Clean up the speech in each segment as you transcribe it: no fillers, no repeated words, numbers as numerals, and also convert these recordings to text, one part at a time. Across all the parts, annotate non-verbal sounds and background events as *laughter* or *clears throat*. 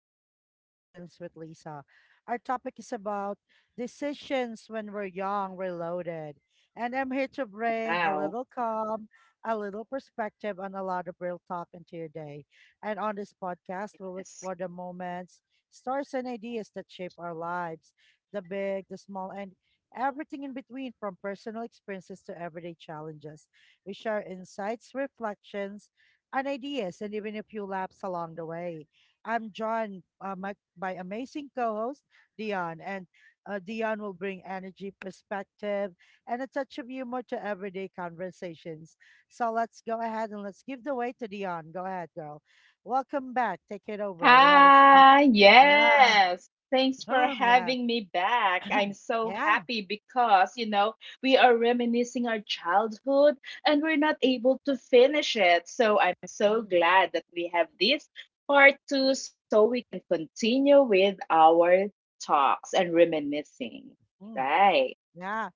Everyday Reflections with Lisa. Our topic is about decisions when we're young, reloaded. And I'm here to bring a little Wow. calm, a little perspective, and a lot of real talk into your day. And on this podcast, we'll Yes. explore the moments, stories, and ideas that shape our lives, the big, the small, and everything in between, from personal experiences to everyday challenges. We share insights, reflections, and ideas, and even a few laughs along the way. I'm joined by amazing co-host Dion, and Dion will bring energy, perspective, and a touch of humor to everyday conversations. So let's go ahead and let's give the way to Dion. Go ahead, girl. Welcome back. Take it over. We haven't finished. Hi. Yeah. Yes. Thanks for Mm, yeah. having me back. *clears throat* I'm so Yeah. happy because, you know, we are reminiscing our childhood and we're not able to finish it. So I'm so Mm, glad that we have this part two so we can continue with our talks and reminiscing. mm, Right. yeah.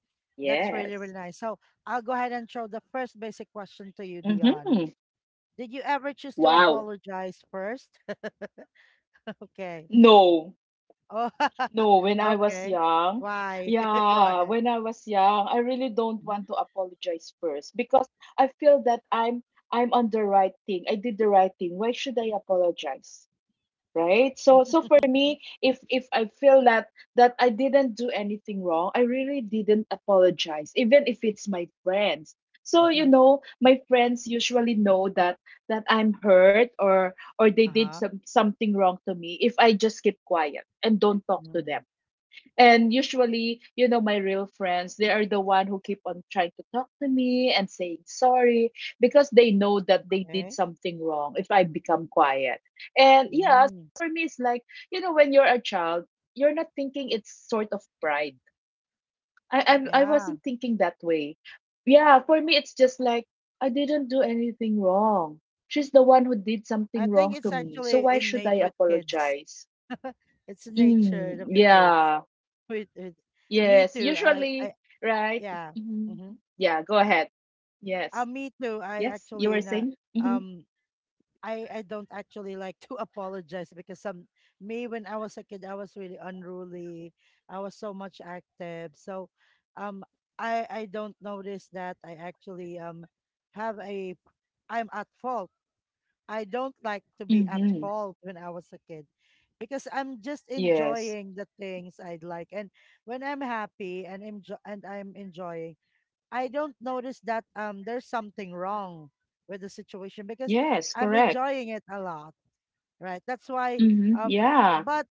That's really, really Yes. nice. So I'll go ahead and show the first basic question to you, Dion. Mm-hmm. Did you ever choose to Wow. apologize first? *laughs* Okay. No. Oh, *laughs* No, when I was okay. young, Why? *laughs* Go yeah, ahead. when I was young, I really don't Mhm. want to apologize first because I feel that I'm on the right thing. I did the right thing. Why should I apologize? Right? So for me, if I feel that I didn't do anything wrong, I really didn't apologize, even if it's my friends. So you *laughs* know, my friends usually know that I'm hurt or they did Uh-huh. something wrong to me if I just keep quiet and don't talk to Mm. them and usually, you know, my real friends, they are the one who keep on trying to talk to me and saying sorry because they know that they did Okay. something wrong if I become quiet. And yeah, Mm. for me, it's like, you know, when you're a child, you're not thinking it's sort of pride. I Yeah. wasn't thinking that way. Yeah, for me, it's just like, I didn't do anything wrong. She's the one who did I something think wrong to it's me. So actually why should I innate with kids. apologize? *laughs* It's the Mm, nature of the kids. yeah. With me Yes, too. I usually, right? yeah. Mhm. Mm-hmm. Yeah, go ahead. Yes. Me too. I Yes, you actually were not, saying? Mm-hmm. um I don't actually like to *laughs* apologize because some me, when I was a kid, I was really unruly. I was so much active. So um I don't notice that I actually have a, I'm at fault. I don't like to be at Mm-hmm. fault when I was a kid because I'm just Yes. enjoying the things I'd like, and when I'm happy and enjoy and I'm enjoying, I don't notice that there's something wrong with the situation because Yes, I'm correct. enjoying it a lot, right? That's why, Mm-hmm. um Yeah. but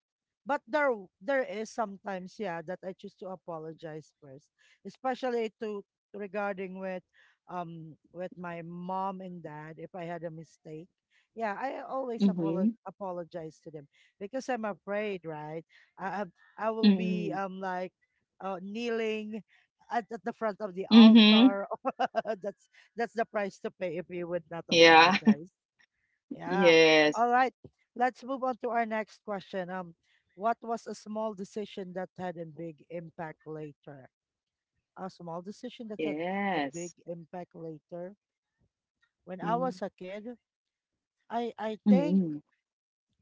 but there w- there is sometimes, yeah, that I choose to apologize first, especially to, regarding with, with my mom and dad. If I had a mistake, yeah, I always Mm-hmm. Apologize to them because I'm afraid, right? i I will be Mm-hmm. Like kneeling at the front of the Mm-hmm. altar. *laughs* that's that's the price to pay if you would not Yeah. *laughs* apologize, yeah. Yes. All right. Let's move on to our next question. What was a small decision that had a big impact later? A small decision that had a big Yes. impact later. When I was a kid, I Mm-hmm. think,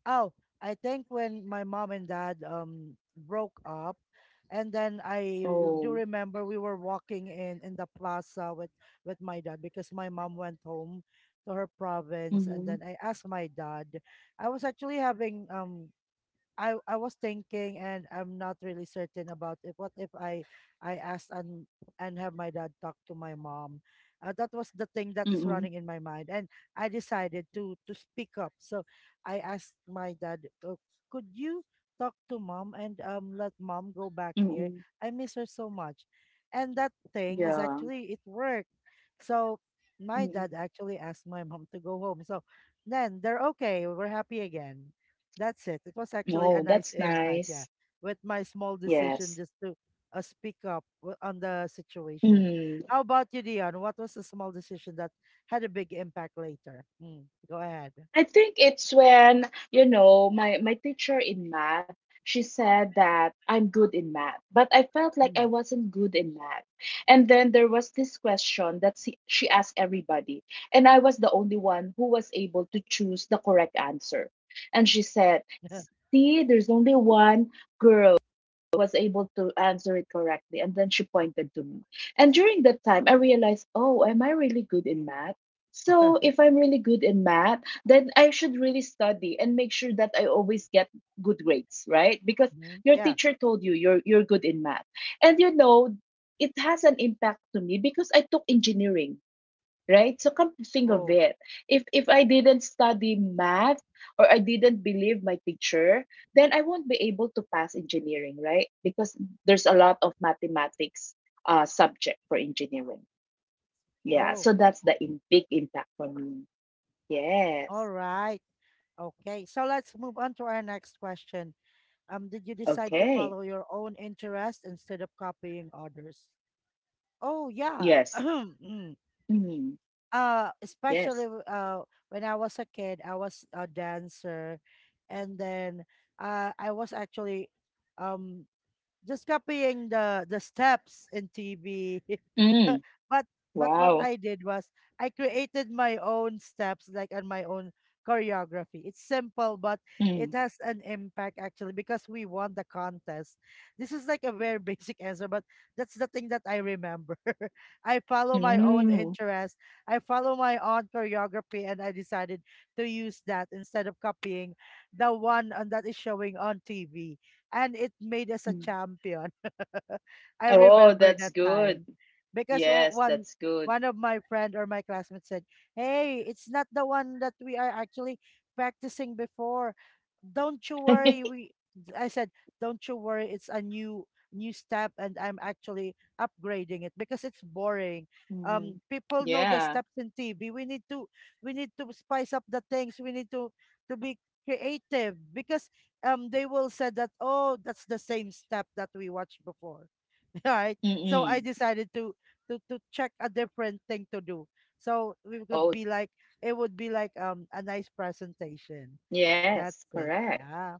oh, I think when my mom and dad broke up, and then I do Oh. remember we were walking in the plaza with my dad because my mom went home to her province, and Mm-hmm. then I asked my dad. I was actually having I was thinking, and I'm not really certain about it. What if I, I asked and have my dad talk to my mom? That was the thing that Mm-hmm. is running in my mind, and I decided to speak up. So I asked my dad, could you talk to mom and let mom go back here? Mm-hmm. I miss her so much." And that thing is Yeah. actually, it worked. So my Mm-hmm. dad actually asked my mom to go home. So then they're okay. We're happy again. That's it. It was actually a Oh, nice that's impact, yeah, nice. with my small decision Yes. just to speak up on the situation. Mm-hmm. How about you, Dion? What was the small decision that had a big impact later? Mm, go ahead. I think it's when, you know, my teacher in math, she said that I'm good in math, but I felt like I Mm. wasn't good in math. And then there was this question that she asked everybody, and I was the only one who was able to choose the correct answer. And she said, *laughs* "See, there's only one girl was able to answer it correctly." And then she pointed to me. And during that time, I realized, oh, am I really good in math? So if I'm really good in math, then I should really study and make sure that I always get good grades, right? Because Mhm. your Yeah. teacher told you you're good in math. And you know, it has an impact to me because I took engineering, right? So come to think of Oh, it, if I didn't study math or I didn't believe my teacher, then I won't be able to pass engineering, right? Because there's a lot of mathematics subject for engineering. Yeah, oh, so that's the big impact for me. all Yes. right. Okay. So let's move on to our next question. Did you decide to Okay. follow your own interest instead of copying others? Oh, yeah. Yes. *clears throat* Mm. Yes. especially when I was a kid, I was a dancer, and then I was actually um just copying the steps in TV. *laughs* Mm. but but what Wow. I did was I created my own steps like and my own choreography. It's simple but it Mm. has an impact actually because we won the contest. This is like a very *laughs* basic answer but that's the thing that I remember. *laughs* I follow my own Mm. interest. I follow my own choreography and I decided to use that instead of copying the one on, that is showing on TV, and it made us a Mm. champion. *laughs* I Oh, remember that's that good. time because Yes, that's good. one *laughs* of my friend or my classmates said, "Hey, it's not the one that we are actually practicing before. Don't you worry." We I said, "Don't you worry. It's a new step, and I'm actually upgrading it because it's boring." Mm. People know the Yeah. steps in TV. We need to spice up the things. We need to be creative because they will said that oh that's the same step that we watched before. *laughs* Right, so I Mm-mm. decided to check a different thing to do so we could Oh, be like, it would be like a nice presentation. yes, That's it, correct. yeah.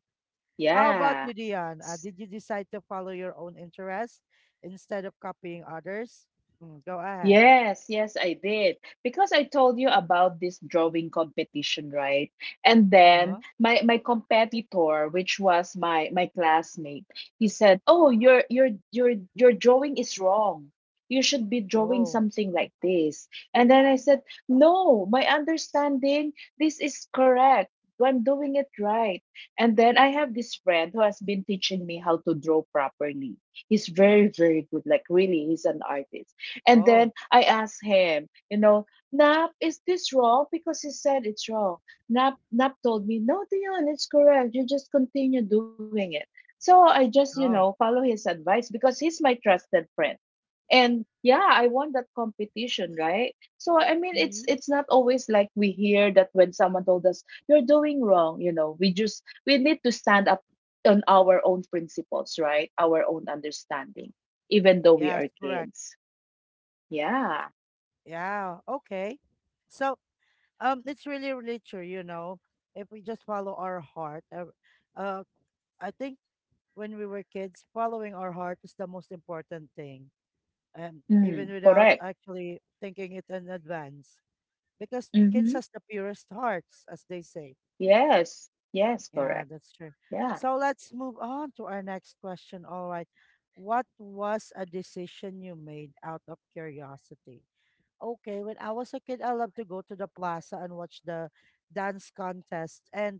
How about Yeah. you, Dion? Uh, did you decide to follow your own interests instead of copying others? Mm, go ahead. Yes, yes, I did. Because I told you about this drawing competition, right? And then Uh-huh. my competitor, which was my classmate, he said, "Oh, your drawing is wrong. You should be drawing Oh. something like this." And then I said, "No, my understanding, this is correct. I'm doing it right." And then I have this friend who has been teaching me how to draw properly. He's very, very good. Like really, he's an artist, and Oh. then I asked him, you know, Nap, is this wrong? Because he said it's wrong. Nap told me, no, Dion, it's correct. You just continue doing it. So I just, you know, Oh. follow his advice because he's my trusted friend. And yeah, I won that competition, right? So I mean, it's Mm-hmm. it's not always like we hear that when someone told us you're doing wrong, you know, we need to stand up on our own principles, right? Our own understanding, even though we Yes, are correct. kids. Yeah. Yeah, okay. So, it's really really true, you know, if we just follow our heart, uh I think when we were kids, following our heart is the most important thing, even Mm, without correct. actually thinking it in advance, because kids Mm-hmm. has the purest hearts, as they say. Yes. Yes, Yeah, correct. that's true. Yeah. So let's move on to our next question. All right, what was a decision you made out of curiosity? Okay, when I was a kid, I loved to go to the plaza and watch the dance contest. And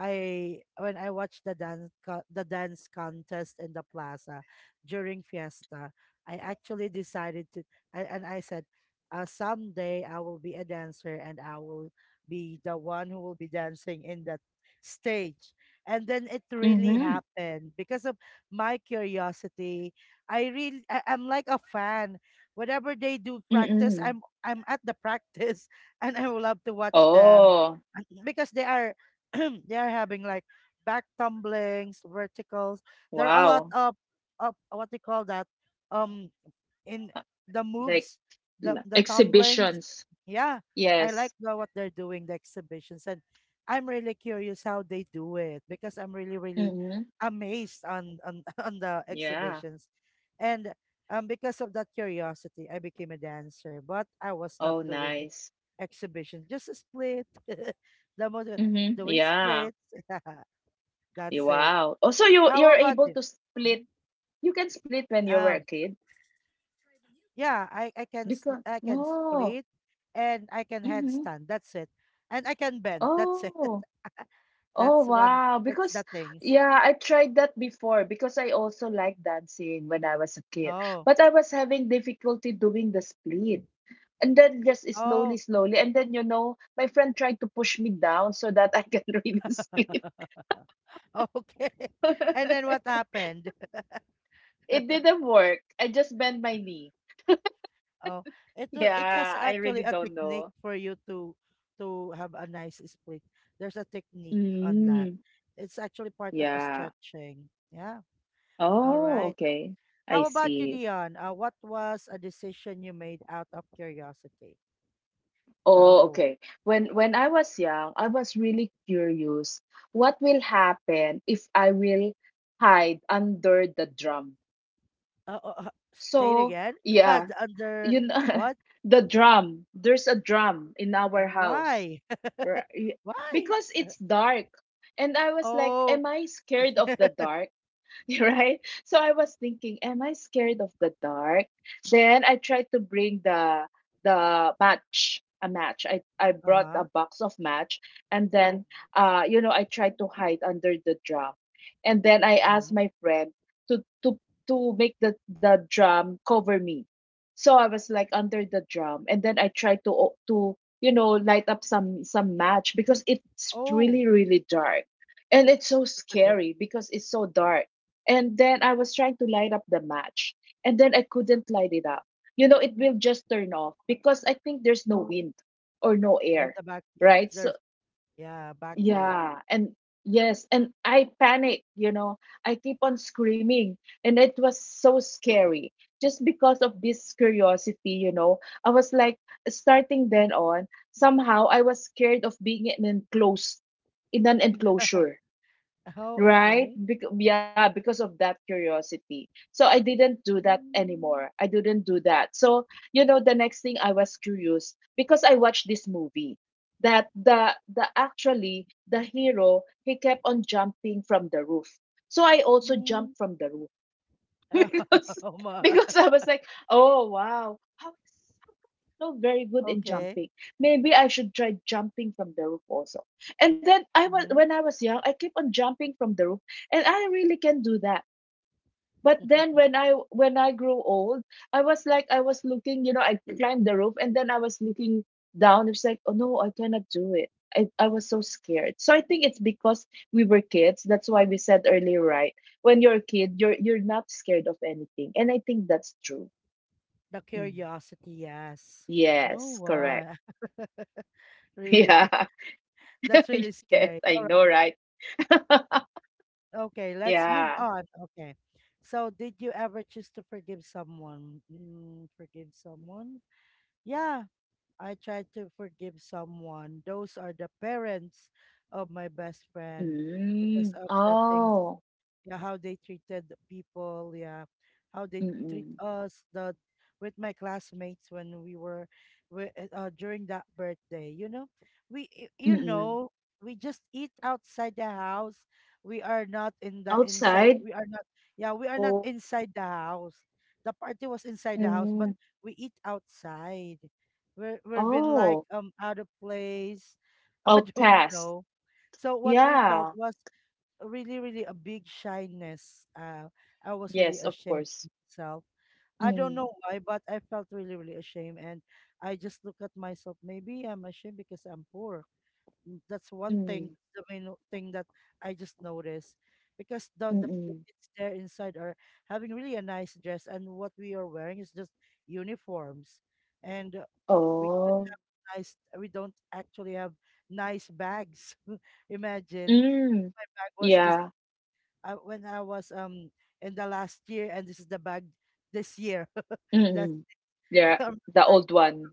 I, when I watched the dance contest in the plaza during fiesta, I actually decided to, I, and I said, someday I will be a dancer and I will be the one who will be dancing in that stage. And then it really Mm-hmm. happened because of my curiosity. I really, I, I'm like a fan. Whatever they do practice, Mm-mm. I'm at the practice. *laughs* And I would love to watch them, Oh, because they are *clears throat* they are having like back tumblings, verticals. There are a lot wow. of what they call that, um in the Like moves, the tumblings. exhibitions. Yeah, I like Yes. the, what they're doing, the exhibitions, and I'm really curious how they do it because I'm really really Mm-hmm. amazed on *laughs* on the Yeah. exhibitions. And because of that curiosity, I became a dancer, but I was not Oh, doing nice. exhibition, just a split. *laughs* The most, Mm-hmm. doing Yeah. splits. *laughs* That's it. Wow. Oh, so you How you're about able you? to Mhm. split. You can split when you were a Um, kid yeah, because I can oh. split and I can Mm-hmm. headstand. That's it. And I can bend. That's it. Oh. *laughs* Oh That's one. wow, That's because the things. yeah, I tried that before because I also like dancing when I was a kid. Oh, But I was having difficulty doing the split. And then just slowly, oh, slowly. And then you know, my friend tried to push me down so that I can *laughs* really split. *laughs* okay. *laughs* And then what *laughs* happened? It *laughs* didn't work. I just bent my knee. Oh, it has Yeah, I actually really a don't technique know. for you to have a nice split. There's a technique on that. Mm, It's actually part of a yeah. stretching. Yeah. All Oh, right. okay. How I about you, see. Dion? What was a decision you made out of curiosity? Oh, Go. okay. When I was young, I was really curious what will happen if I will hide under the drum. Uh, uh, uh, say it So, again. *laughs* Yeah, the under you know, what? *laughs* the drum, there's a drum in our house, Why? right? *laughs* Why? Because it's dark. And I was like, Oh. am I scared of the *laughs* dark? *laughs* Right? So I was thinking, am I scared of the dark? Then I tried to bring the match, a match. I Uh I huh. brought a box of match, and then you know I tried to hide under the drum, and then I Hmm. asked my friend to to to make the drum cover me. So I was like under the drum, and then I tried to you know light up some match because it's Oh. really really dark, and it's so *laughs* scary because it's so dark. And then I was trying to light up the match, and then I couldn't light it up. You know, it will just turn off because I think there's no wind or no Yeah, the air, back. Right? there's, So, yeah, vacuum. yeah, and yes, and I panic, you know, I keep on screaming, and it was so scary just because of this curiosity, you know. I was like, starting then on, somehow I was scared of being in an enclosure. Oh, Right? okay. Yeah, because of that curiosity. So I didn't do that Mm, anymore. I didn't do that. So, you know, the next thing I was curious because I watched this movie that the hero he kept on jumping from the roof. So I also mm. jumped from the roof *laughs* *laughs* because Oh, ma, because I was like, "Oh, wow. How not very good in okay. jumping. Maybe I should try jumping from the roof also." And then I was when Mhm. I was young, I keep on jumping from the roof, and I really can do that. But then when I grew old, I was like I was looking, you know, I climbed the roof and then I was looking down. It's like, oh no, I cannot do it. I was so scared. So I think it's because we were kids. That's why we said earlier, right? When you're a kid, you're not scared of anything. And I think that's true. The Mm. curiosity, yes. Oh, Yes, wow. correct. *laughs* Really, *laughs* *laughs* Yeah. that's really *laughs* Yes, scary. I know, right? *laughs* Okay, let's move Yeah. on. Okay. So, did you ever choose to forgive someone? Mm, forgive someone? Yeah, I tried to forgive someone. Those are the parents of my best friend because Mm. of the things. Oh. Yeah, how they treated the people, yeah, how they treat Mm-mm. us, the with my classmates when we were during that birthday, you know, you Mm-mm. know, we just eat outside the house. We are not in the inside, Outside? we are not, yeah, we are not Oh. inside the house. The party was inside the house but Mm. we eat outside. We're been like Oh. Out of place. *laughs* I don't Outcast. know. So what we felt Yeah. was really, really a big shyness. I was really Yes, of ashamed course. of myself. I don't know Mm. why, but I felt really, really ashamed. And I just look at myself, maybe I'm ashamed because I'm poor. Mm, that's one thing, Mm. the thing that I just noticed. Because the, the Mm-mm. kids there inside are having really a nice dress, and what we are wearing is just uniforms. And we Oh. nice we don't actually have nice bags. *laughs* Imagine, Mm. my bag was just Yeah. When I was in the last year, and this is the bag this year. *laughs* That's Mm-mm. Yeah. *laughs* um, The like, old one.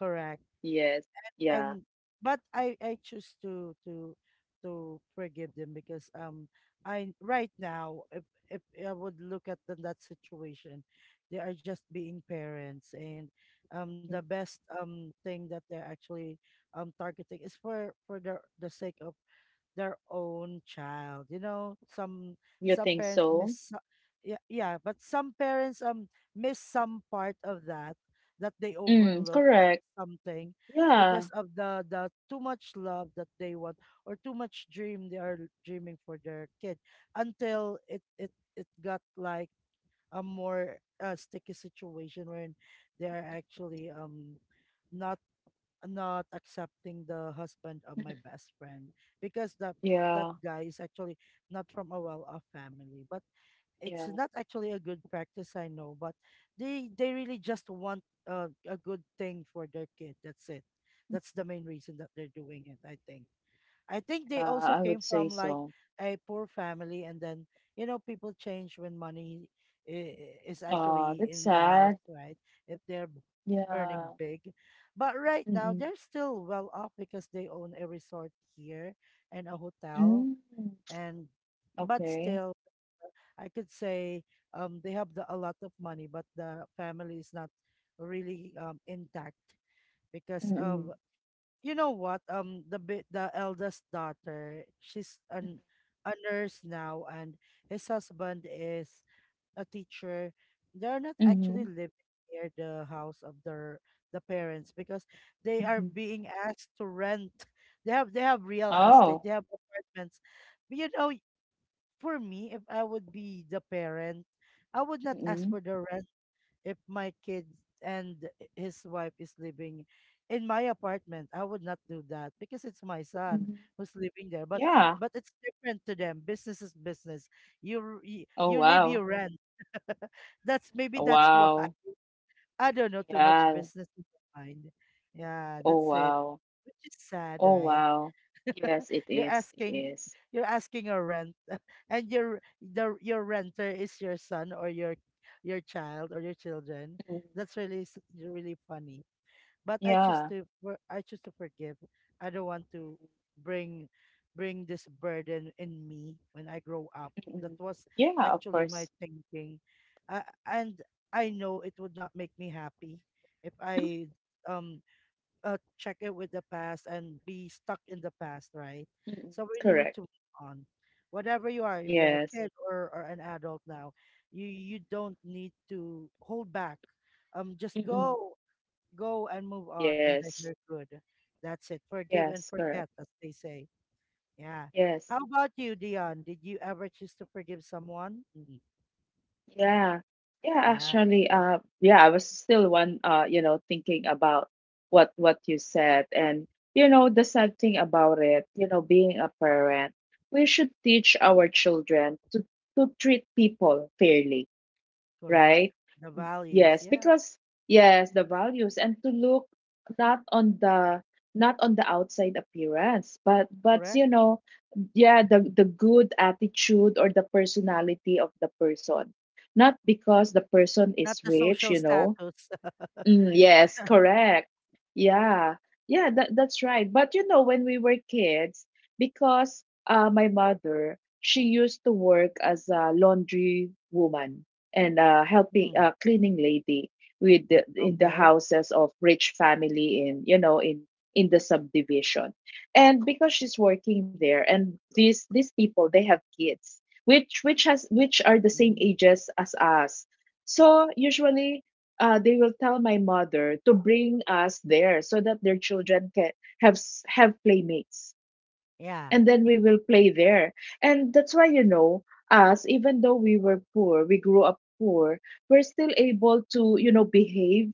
correct. Yes. Yeah. And but I choose to forgive them because I right now if I would look at them that situation, they are just being parents, and the Mm. best thing that they're actually targeting is for for the sake of their own child. You know, some You some think parents miss so? so- yeah, yeah, but some parents miss some part of that that they Mm. overlooked Correct. something Yeah. because of the too much love that they want or too much dream they are dreaming for their kid until it got like a more sticky situation wherein they are actually not not accepting the husband of my best friend because that Yeah. guy is actually not from a well-off family, but it's Yeah. not actually a good practice, I know, but they really just want a good thing for their kid, that's it. That's the main reason that they're doing it, I think. I think Yeah. they I also would came say from like so. a poor family, and then you know people change when money is Oh, actually that's in the house, sad. right? If they're Yeah. earning big, but right now Mm-mm. they're still well off because they own a resort here and a hotel, Mm. and but Okay. still I could say they have a lot of money, but the family is not really intact because of Mm-mm. you know what the eldest daughter, she's an a nurse now, and his husband is a teacher. They're not actually Mhm. living near the house of their the parents because they are Mhm. being asked to rent. They have they have real estate, Oh. they have apartments, but you know, for me, if I would be the parent, I would not ask Mm-mm. for the rent. If my kid and his wife is living in my apartment, I would not do that because it's my son Mhm. who's living there, Yeah. but it's different to them, business is business. You Oh, you live, wow. you rent. *laughs* That's, maybe Oh, that's why. wow. *laughs* I don't know, too much Yeah. business in my mind. Yeah, Oh, that's it. wow. Which is sad, Oh, right? wow. Yes, it You're is. It asking, is. you're asking a rent, *laughs* and your, the your renter is your son or your child or your children. Mm. That's really really funny. But I choose Yeah. to I choose to forgive. I don't want to bring bring this burden in me when I grow up. That Mm-mm. was Yeah, of actually my course. thinking. And I know it would not make me happy if I um check it with the past and be stuck in the past, right? Mm-mm. So we really need Correct. to move on. Whatever you are, if you're a Yes. kid or an adult now, you don't need to hold back. Just Mm-mm. go go and move on, and then Yes. you're good. That's it. Forgive and Yes, correct. forget, as they say. Yeah. Yes. How about you, Dion? Did you ever choose to forgive someone? Mhm. Yeah. Yeah, Yeah, actually, yeah, I was still one, you know, thinking about what you said, and you know, the sad thing about it, you know, being a parent, we should teach our children to treat people fairly, correct. right? The values. Yes, Yeah, because yes, the values and to look not on the not on the outside appearance, but correct. you know, yeah, the good attitude or the personality of the person, not because the person Not is the rich, social you know. status. *laughs* Mm, yes, correct. Yeah. Yeah, that's right. But you know, when we were kids, because my mother, she used to work as a laundry woman, and helping Mm, cleaning lady with in the okay. houses of rich family in, you know, in the subdivision. And because she's working there, and these people, they have kids which are the same ages as us. So usually they will tell my mother to bring us there so that their children can have playmates, Yeah. and then we will play there. And that's why, you know, us, even though we were poor, we grew up poor, we're still able to, you know, behave,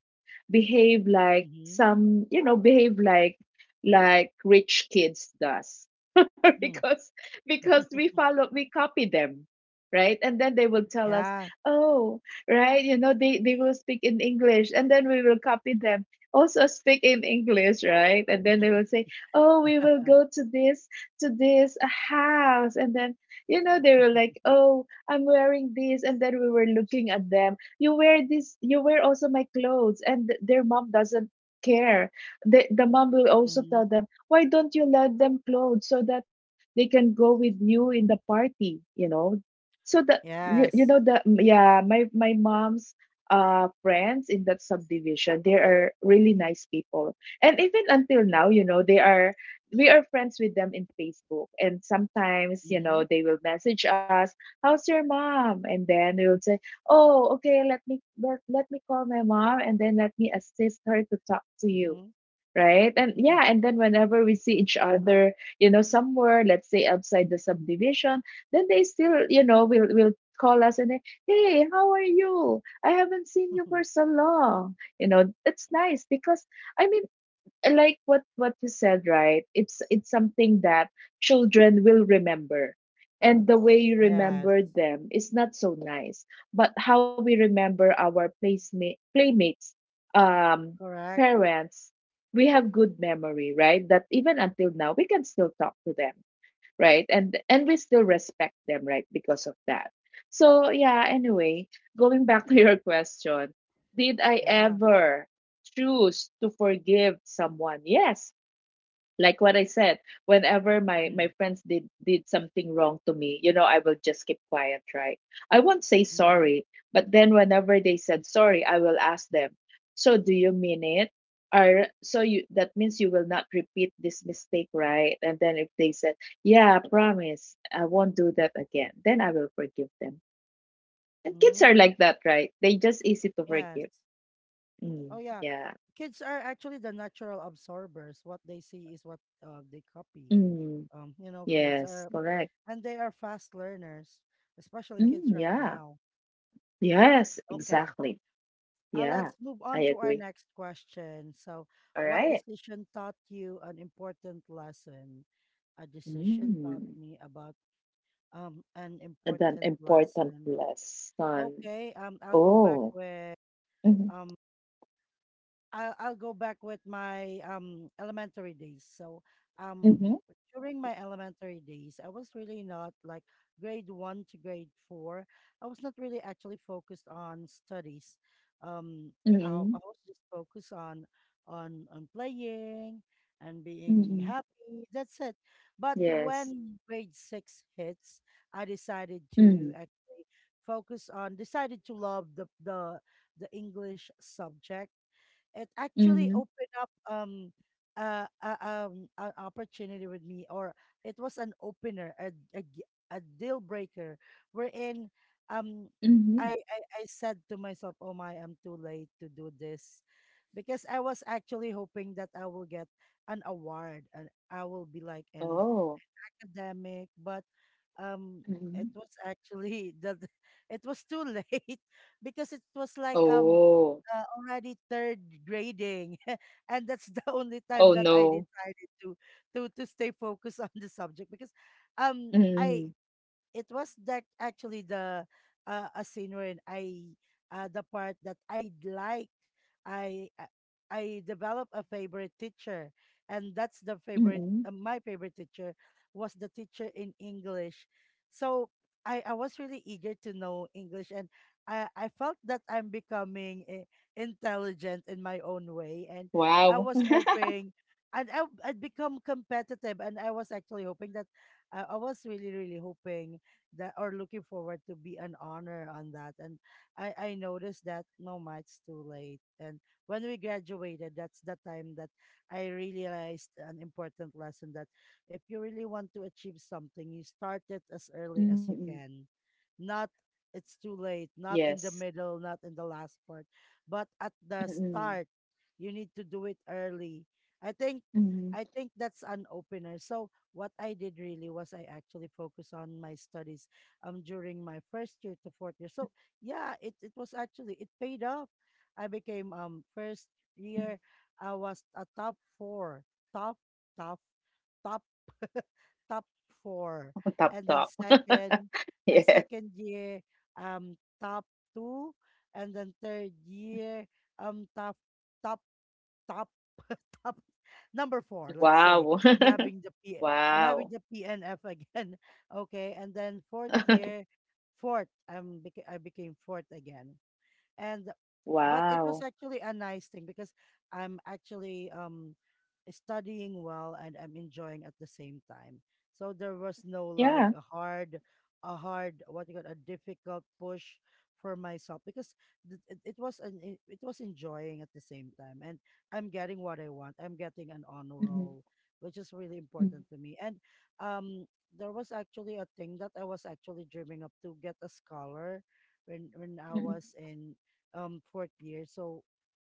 behave like Mm-hmm. some you know behave like rich kids does. *laughs* Hmm. because because we copy them, right? And then they will *laughs* tell us, Yeah. oh, right, you know, they will speak in English, and then we will copy them, also speak in English, right? And then they will *laughs* say, oh, we will go to this, to this house. And then, you know, they were like, oh, I'm wearing this, and then we were looking at them, you wear this, you wear also my clothes, and their mom doesn't care. The mom will also Mm-hmm. tell them, why don't you let them clothes so that they can go with you in the party, you know? So the Yes. My mom's friends in that subdivision, they are really nice people. And even until now, you know, they are, we are friends with them in Facebook, and sometimes, you Mm-hmm. know, they will message us, how's your mom? And then we will say, "Oh, okay, let me call my mom and then let me assist her to talk to you." Mm-hmm. Right? And yeah, and then whenever we see each other, you know, somewhere, let's say outside the subdivision, then they still, you know, will call us, and then, "Hey, how are you? I haven't seen you for *laughs* so long." You know, it's nice because, I mean, and like what you said, right? It's something that children will remember, and the way you Yes. remember them is not so nice. But how we remember our playmates, um Correct. parents, we have good memory, right? That even until now, we can still talk to them, right? And we still respect them, right? Because of that. So yeah, anyway, going back *laughs* to your question, did I Yeah. ever choose to forgive someone? Yes, like what I said, whenever my Hmm. friends did something wrong to me, you know, I will just keep quiet, right? I won't say Mm-hmm. sorry, but then whenever they said sorry, I will ask them, "So do you mean it?" Or, so you, that means you will not repeat this mistake, right? And then if they said, "Yeah, I promise, I won't do that again," then I will forgive them. And kids are Mm-hmm. like that, right? They just easy to Yes. forgive. Oh Mm, yeah. yeah. Kids are actually the natural absorbers. What they see is what they copy. Mm. You know, kids Yes, are, correct. and they are fast learners, especially Mm, kids right yeah. now. Yes, Okay. exactly. Yeah, Let's move I on to our agree. next question. So, All what right. decision taught you an important lesson? A decision taught Mm. me about an And then important important lesson. lesson. Okay, I'll go back Oh. with Mm-hmm. um, I'll go back with my elementary days. So um Mm-hmm. during my elementary days, I was really not like grade one to grade four. I was not really actually focused on studies. Um, I Mm-hmm. was just focused on on playing and being Mm-hmm. happy. That's it. But Yes. when grade six hits, I decided Mm. to actually focus on, decided to love the English subject. It actually Mm-hmm. opened up an opportunity with me, or it was an opener, a deal breaker wherein um Mm-hmm. I said to myself, oh my, I'm too late to do this, because I was actually hoping that I will get an award and I will be like an Oh. academic, but um, Mm-hmm. it was actually *laughs* the, it was too late *laughs* because it was like Oh. Already third grading, *laughs* and that's the only time Oh that I no. decided to to stay focused *laughs* on the subject because I Mm-hmm. it was that actually the a scene wherein I the part that I like I uh, I develop a favorite teacher, and that's the favorite Mm-hmm. My favorite teacher was the teacher in English. So I was really eager to know English, and I felt that I'm becoming intelligent in my own way, and I Wow. was *laughs* hoping, and I'd become competitive, and I was actually hoping that I was really really hoping that, or looking forward to be an honor on that. And I noticed that no, ma, it's too late. And when we graduated, that's the time that I realized an important lesson, that if you really want to achieve something, you start it as early as you Mm-hmm. can. Not it's too Yes. late, not in the middle, not in the last part, but Mm-hmm. at the start, you need to do it early. I Mm-hmm. think, I think that's an opener. So what I did really was I actually focused on my studies during my first year to fourth year. So yeah, it was actually, it paid off. I became first year I was a top four, top top top *laughs* top four, Top and then top. second, *laughs* a Yes. second year um top two, and then third year top top top *laughs* top number four, let's say. Wow. I'm having *laughs* the P, I'm having Wow. the PNF again. *laughs* Okay. And then fourth *laughs* year, fourth, I'm I became fourth again. And but it was Wow. actually a nice thing because I'm actually studying well and I'm enjoying at the same time. So there was no like a Yeah. hard, a hard, what you got, a difficult push for myself because it was an, it was enjoying at the same time, and I'm getting what I want. I'm getting an honor roll, Mhm. which is really important to Mhm. me. And um there was actually a thing that I was actually dreaming up to get a scholar when I Mhm. was in fourth year, so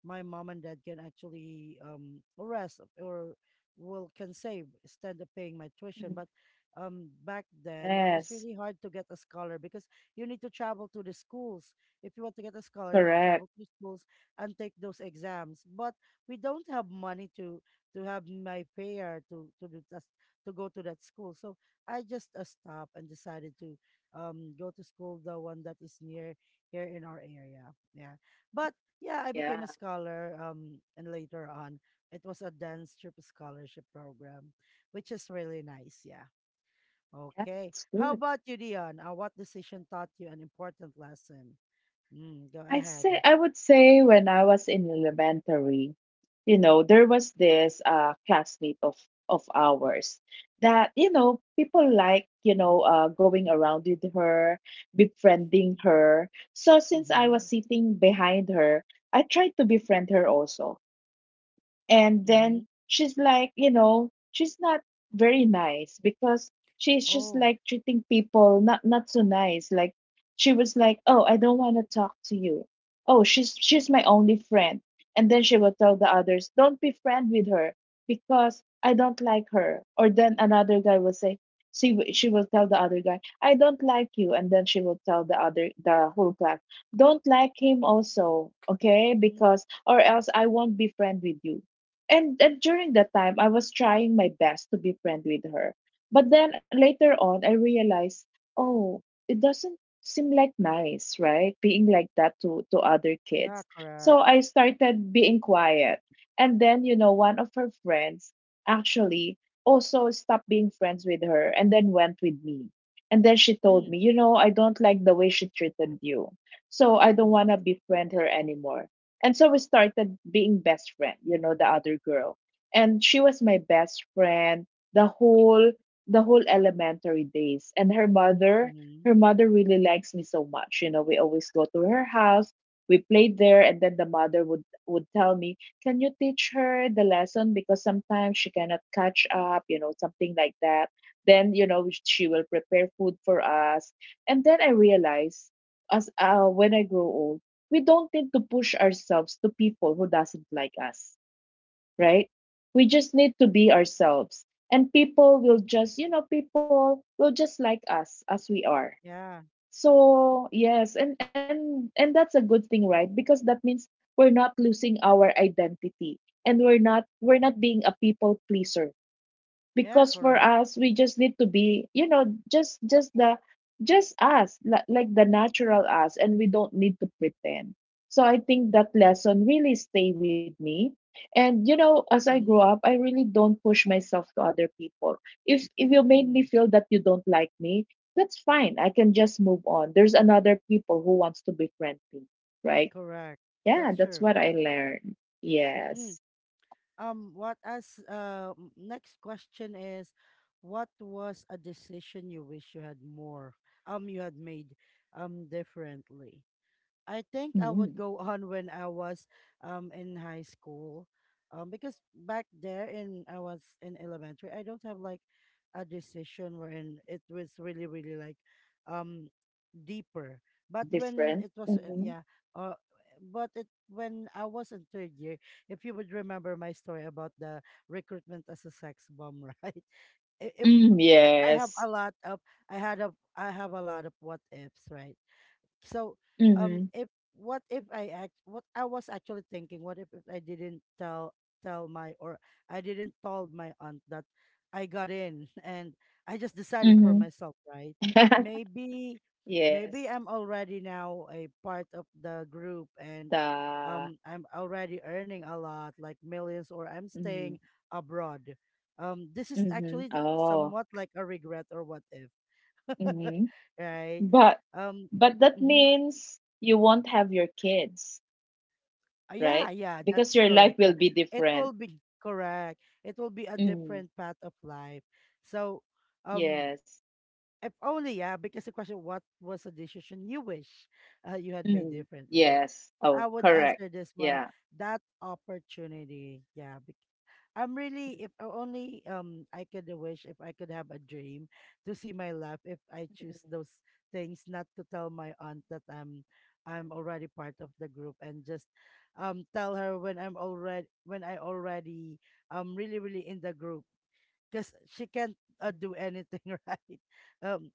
my mom and dad can actually rest or will can save instead of paying my tuition, but Mhm. Back then it was really Yes, hard to get a scholar because you need to travel to the schools. If you want to get a scholar, you will travel to correct. the schools and take those exams, but we don't have money to have my pair to do that, to go to that school. So I just stopped and decided to go to school the one that is near here in our area. Yeah, but yeah, I became a Yeah. scholar, and later on, it was a dance trip scholarship program, which is really nice. Yeah. Yeah, Okay. that's How good. about you, Dion? What decision taught you an important lesson? Mm, go I say ahead. I would say when I was in elementary, you know, there was this classmate of ours that, you know, people like, you know, going around with her, befriending her. So since I was Mm-hmm. sitting behind her, I tried to befriend her also. And then Mm-hmm. she's like, you know, she's not very nice because she's just Oh, like treating people not so nice. Like, she was like, "Oh, I don't want to talk to you." Oh, she's my only friend. And then she will tell the others, "Don't be friend with her because I don't like her." Or then another guy will say, she will tell the other guy, "I don't like you." And then she will tell the whole class, "Don't like him also, okay? mm, Because or else I won't be friend with you." And during that time, I was trying my best to be friend with her, but then later on I realized, oh, it doesn't seem like nice, right, being like that to other yeah, kids. correct. So I started being quiet. And then, you know, one of her friends actually also stopped being friends with her and then went with me, and then she told Mm, me, you know, I don't like the way she treated you, so I don't mm, want to befriend her anymore. And so we started being best friend, you know, the other girl. And she was my best friend the whole the whole elementary days. And mm-hmm. her mother really likes me so much. You know, we always go to her house, we played there, and then the mother would tell me, can you teach her the lesson? Because sometimes she cannot catch up, you know, something like that. Then, you know, she will prepare food for us. And then I realized, as when I grow old, we don't need to push ourselves to people who doesn't like us, right? We just need to be ourselves, and people will just, you know, people will just like us as we are. Yeah, So yes, and that's a good thing, right? Because that means we're not losing our identity, and we're not being a people pleaser. yeah, Because for correct. us, we just need to be, you know, just just the just us, like the natural us, and we don't need to pretend. So I think that lesson really stay with me. And you know, as I grow Mm-hmm. up, I really don't push myself to other people. If you made me Mm, feel that you don't like me, that's fine, I can just move on. There's another people who wants to befriend me, right? correct. Yeah, That's that's true. what I learned. Mm. Yes. What as next question is, what was a decision you wish you had you had made, differently? I think I would Mm, go *laughs* on when I was, in high school, because back there in I was in elementary, I don't have like a decision wherein it was really, really like, um, deeper. But when it different. was, yeah, Mhm. uh, but it when I was in third year, if you would remember my story about the recruitment as a sex bomb, *laughs* right? It, it, Mm, I have yes. a lot of, I have a lot of what ifs, right? So, Mhm. if, what if I act what I was actually thinking, what if I didn't tell my, or I didn't tell my aunt that I got in *laughs* and I just decided for Mhm. myself, right? *laughs* Maybe, maybe Yes, I'm already now a part of the group, and the I'm already earning a lot, like millions, or I'm mm, staying abroad. This is mhm. actually Oh, somewhat like a regret or what if, *laughs* mhm. right? But Um, but that mhm. means you won't have your kids, right? Yeah, yeah, Because that's your life correct. will Yeah. be It will different. be correct. It will be a different Mm, path of life. So, um, yes. if only, yeah, because the question, what was a decision you wish you had made Mm, differently? But yes. Oh, I would correct. answer this one, Yeah. that opportunity. Yeah, I'm really Mm, if only I could wish if I could have a dream to see my life if I mm, choose those things, not to tell my aunt that I'm already part of the group, and just tell her when I already really really in the group, because she can't mm. do anything *laughs* right. um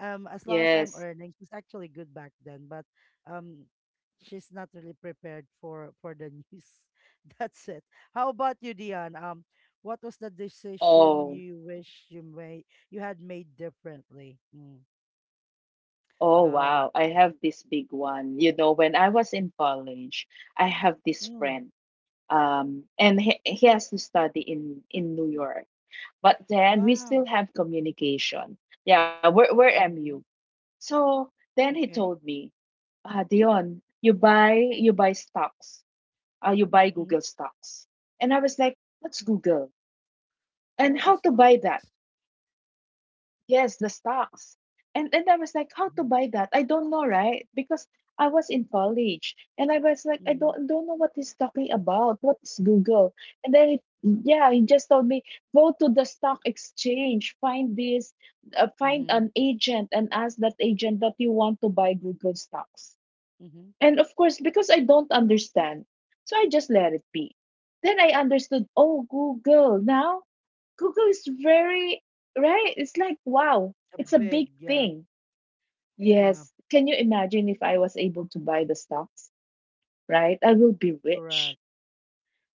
as long as I'm Yes. earning, she's actually good back then, but um she's not really prepared for the news. *laughs* That's it. How about you, Dion? What was the decision Oh, you wish you had made differently? Mm. oh Go. wow. I have this big one. You know, when I was in college, I have this Mm. friend. And he has to study in New York. But then we still Wow. have communication. Yeah, we're MU. Hmm. So then he Okay. told me, Dion, you buy stocks. You buy Hmm. Google stocks. And I was like, what's Google? And Oh, the how to buy that? stocks. Yes, the stocks. And I was like, how to Mm-hmm. buy that? I don't know, right? Because I was in college and I was like, I Mm-hmm. Don't know what he's talking about. What is Google? And then it, yeah, he just told me, go to the stock exchange, find this, find Mm-hmm. an agent and ask that agent that you want to buy Google stocks. And of course, because I don't understand, so I just let it be. Then I understood, oh, Google. Now, Google is very, right? It's like, wow, A it's a big, big yeah. thing. Yeah. Yes. Can you imagine if I was able to buy the stocks, right? I will be rich. Correct.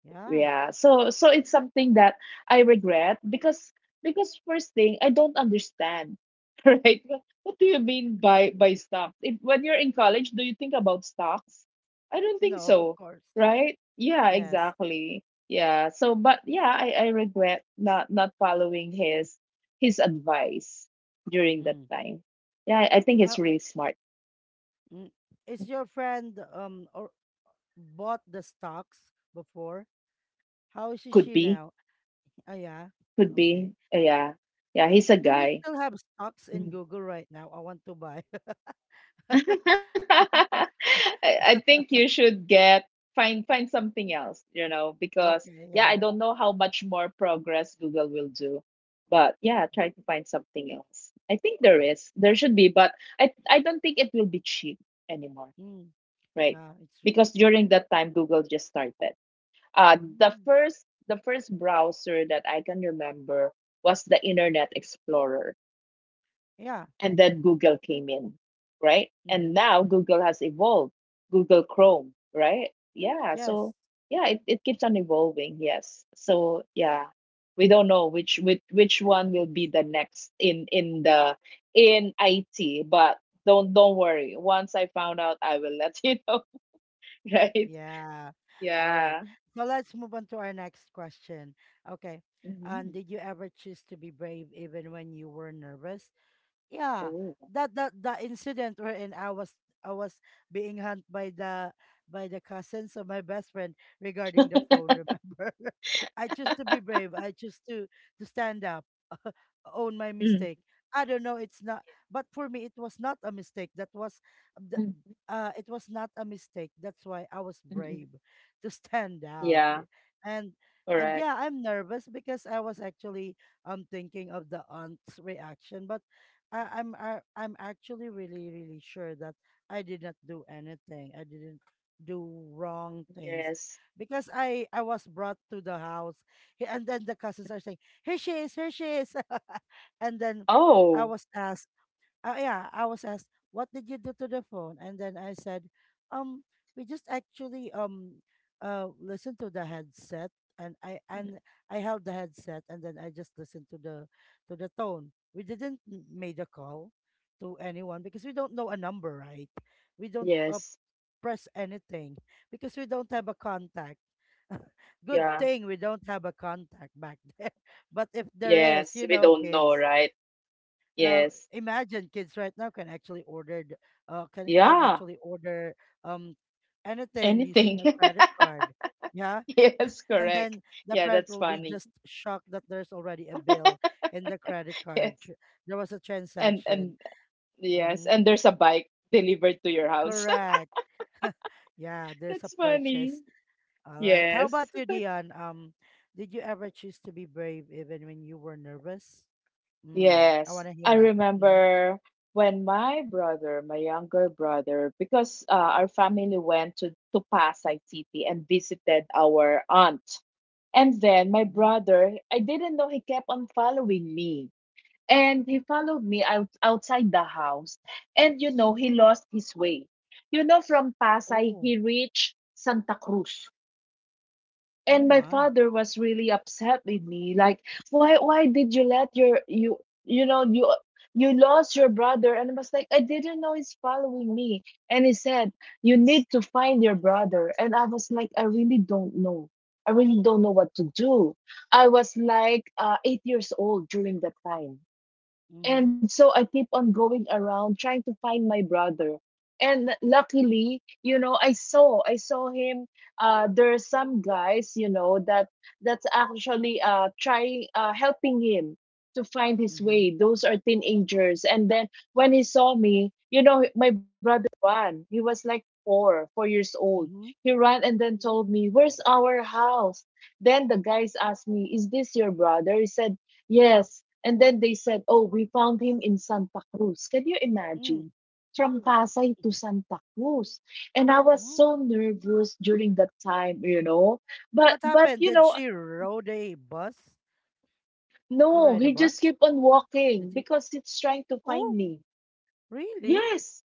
Yeah. Yeah. So it's something that I regret because first thing I don't understand, *laughs* right? What do you mean by stocks? If when you're in college, do you think about stocks? I don't think No, of so, course. right? Yeah, Yes. exactly. Yeah. So but yeah, I regret not following his advice during that Mm. time. Yeah, I think he's Well, really smart. mm, is your friend or bought the stocks before? How is she Could she be. now? Ah, yeah. Could be. Okay. Yeah. Yeah, he's a Do we guy. still have stocks in Mm-hmm. Google right now? I want to buy. *laughs* *laughs* I think you should get find something else, you know, because Okay, yeah, I yeah. don't know how much more progress Google will do. But yeah, try to find something else. I think there is. There should be, but I don't think it will be cheap anymore, Mm, right? yeah, it's r- Because during that time Google just started. Uh, mm, the first browser that I can remember was the Internet Explorer, yeah. and then Google came in, right? And Mm-hmm. now Google has evolved, Google Chrome, right? Yeah, so Yes. yeah, it keeps on evolving, yes. So yeah, we don't know which one will be the next in the in IT, but don't worry. Once I found out, I will let *laughs* you know, right? Yeah. All right. Yeah. So let's move on to our next question. Okay. Hmm. Did you ever choose to be brave even when you were nervous? Yeah, Oh. That the incident wherein I was being hunt by the cousins of my best friend regarding the phone, remember? *laughs* I choose to be brave, I choose to stand up, *laughs* own my Mhm. mistake. I don't know, it's not, but for me it was not a mistake. Th- Mhm. It was not a mistake, that's why I was Mhm. brave to Yeah, and and correct. yeah, I'm nervous because I was actually thinking of the aunt's reaction, but I'm actually really really sure that I did not do anything. I didn't do wrong things Yes. because I was brought to the house, and then the cousins are saying, here she is. Here she is" *laughs* And then I Oh. was asked, yeah, I was asked, "What did you do to the phone?" And then I said, "Um, we just actually listened to the headset, and I Mhm. and I held the headset, and then I just listened to the tone. We didn't m- made a call to anyone because we don't know a number, right? We don't Yes. press anything because we don't have a contact." *laughs* Good Yeah. thing we don't have a contact back *laughs* there. But if there is, Yes, you we know, don't know, kids, right? uh, Yes. imagine kids right now can actually order th- can Yeah, actually order um anything using anything. a *laughs* credit card. Yeah. Yes, And correct. then the Yeah, parent that's will be funny. just *laughs* shocked that there's already a bill in the credit Yes. There was a And transaction. yes, and Mm-hmm. there's a bike delivered to your house. *laughs* Correct. *laughs* Yeah, there's That's a funny. purchase. All right, how Yes. about you, Dion? Did you ever choose to be brave even when you were nervous? Mm, I Yes. want to I hear it. Mm-hmm. remember when my brother, my younger brother, because our family went to Pasay City and visited our aunt. And then my Mm-hmm. brother, I didn't know he kept on following me, and he followed me out outside the house, and you know, he lost his way. You know, from Pasay, Oh. he reached Santa Cruz. Oh And my my. father was really upset with me, like, why did you let your, you know, you lost your brother. And I was like, I didn't know he's following me. And he said, you need to find your brother. And I was like, I really don't know, I really don't know what to do. I was like 8 years old during that time. Mhm. And so I keep on going around trying to find my brother. And luckily, you know, I saw him. There are some guys, you know, that that's actually trying helping him to find his Mhm. way. Those are teenagers. And then when he saw me, you know, my brother ran. He was like 4 years old. He Mhm. ran and then told me, "Where's our house?" Then the guys asked me, "Is this your brother?" He said, yes. And then they said, oh, we found him in Santa Cruz. Can you imagine? Mm. From Pasay to Santa Cruz. And I was Oh. so nervous during that time, But What but happened? Did she rode a bus? Did you no, ride a he just bus? kept on Did walking he? because it's trying to find Oh, me. really? Yes.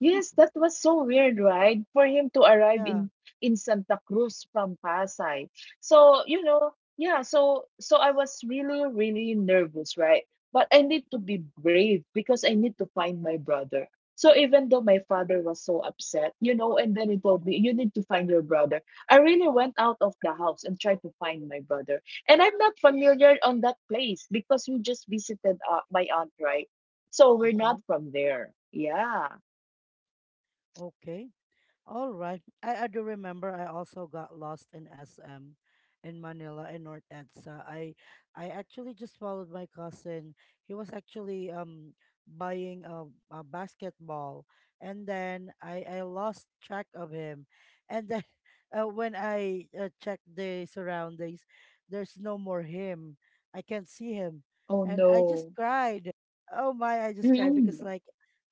Yes, *laughs* that was so weird, right? For him to arrive Yeah. in Santa Cruz from Pasay. So, yeah, so I was really really nervous, right? But I need to be brave because I need to find my brother. So even though my father was so upset, and then he told Mm-hmm. me, you need to find your brother. I really went out of the house and tried to find my brother. And I'm not familiar on that place because we just visited my aunt, right? So we're Mm-hmm. not from there. Yeah. Okay. All right. I do remember I also got lost in SM in Manila, in North EDSA. I actually just followed my cousin. He was actually buying a basketball, and then I lost track of him. And then *laughs* when I checked the surroundings, there's no more him. I can't see him. Oh, And I just no. cried. Oh my, I just cried because Mm. like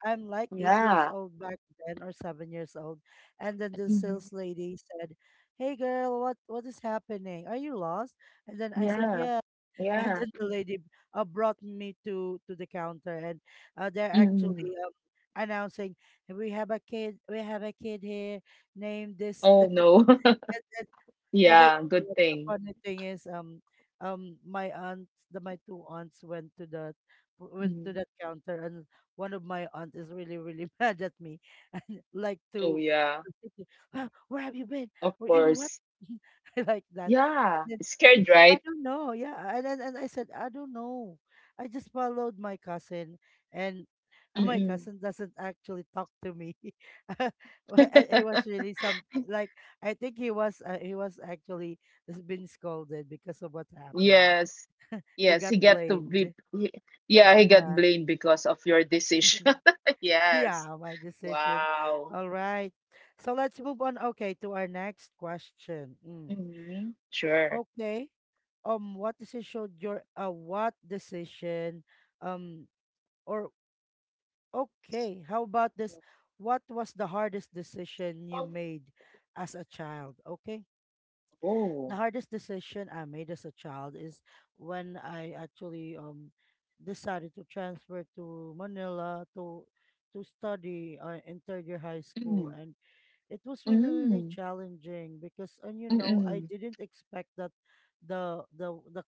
I'm like 8 years Yeah. old back then, or 7 years old. And then the sales Mhm. lady said, "Hey girl, what is happening? Are you lost?" And then I said, Yeah. "Yeah." *laughs* And Yeah. then the lady brought me to the counter, and they're actually Mm. Announcing, "We have a kid, we have a kid here named this." Oh, *laughs* no. And *laughs* and then Yeah, good the thing. funny thing is, my aunt, the my two aunts went to the went to Mhm. that counter, and one of my aunt is really really *laughs* mad at me, and like Oh, to, yeah. *laughs* to think, well, where have you been? Of Well, you know what, course. *laughs* I like that. Yeah. Scared, I right? don't know. Yeah, and I said I don't know. I just followed my cousin, and *laughs* my Mm-mm. cousin doesn't actually talk to me. *laughs* Well, and he was *laughs* really some like, I think he was actually has been scolded because of what happened. Yes. *laughs* He Yes, got he got to be blamed. he, yeah, he got Yeah. blamed because of your decision. *laughs* *laughs* Yes. Yeah, my decision. Wow. All right. So let's move on, okay, to our next question. Mm. Mm-hmm. Sure. Okay. What decision um or okay, how about this? What was the hardest decision you made as a child? Okay. Oh. The hardest decision I made as a child is when I actually decided to transfer to Manila to study in third year high school. Mm-mm. And it was really really Mm-mm. challenging, because, and you know, I didn't expect that the the the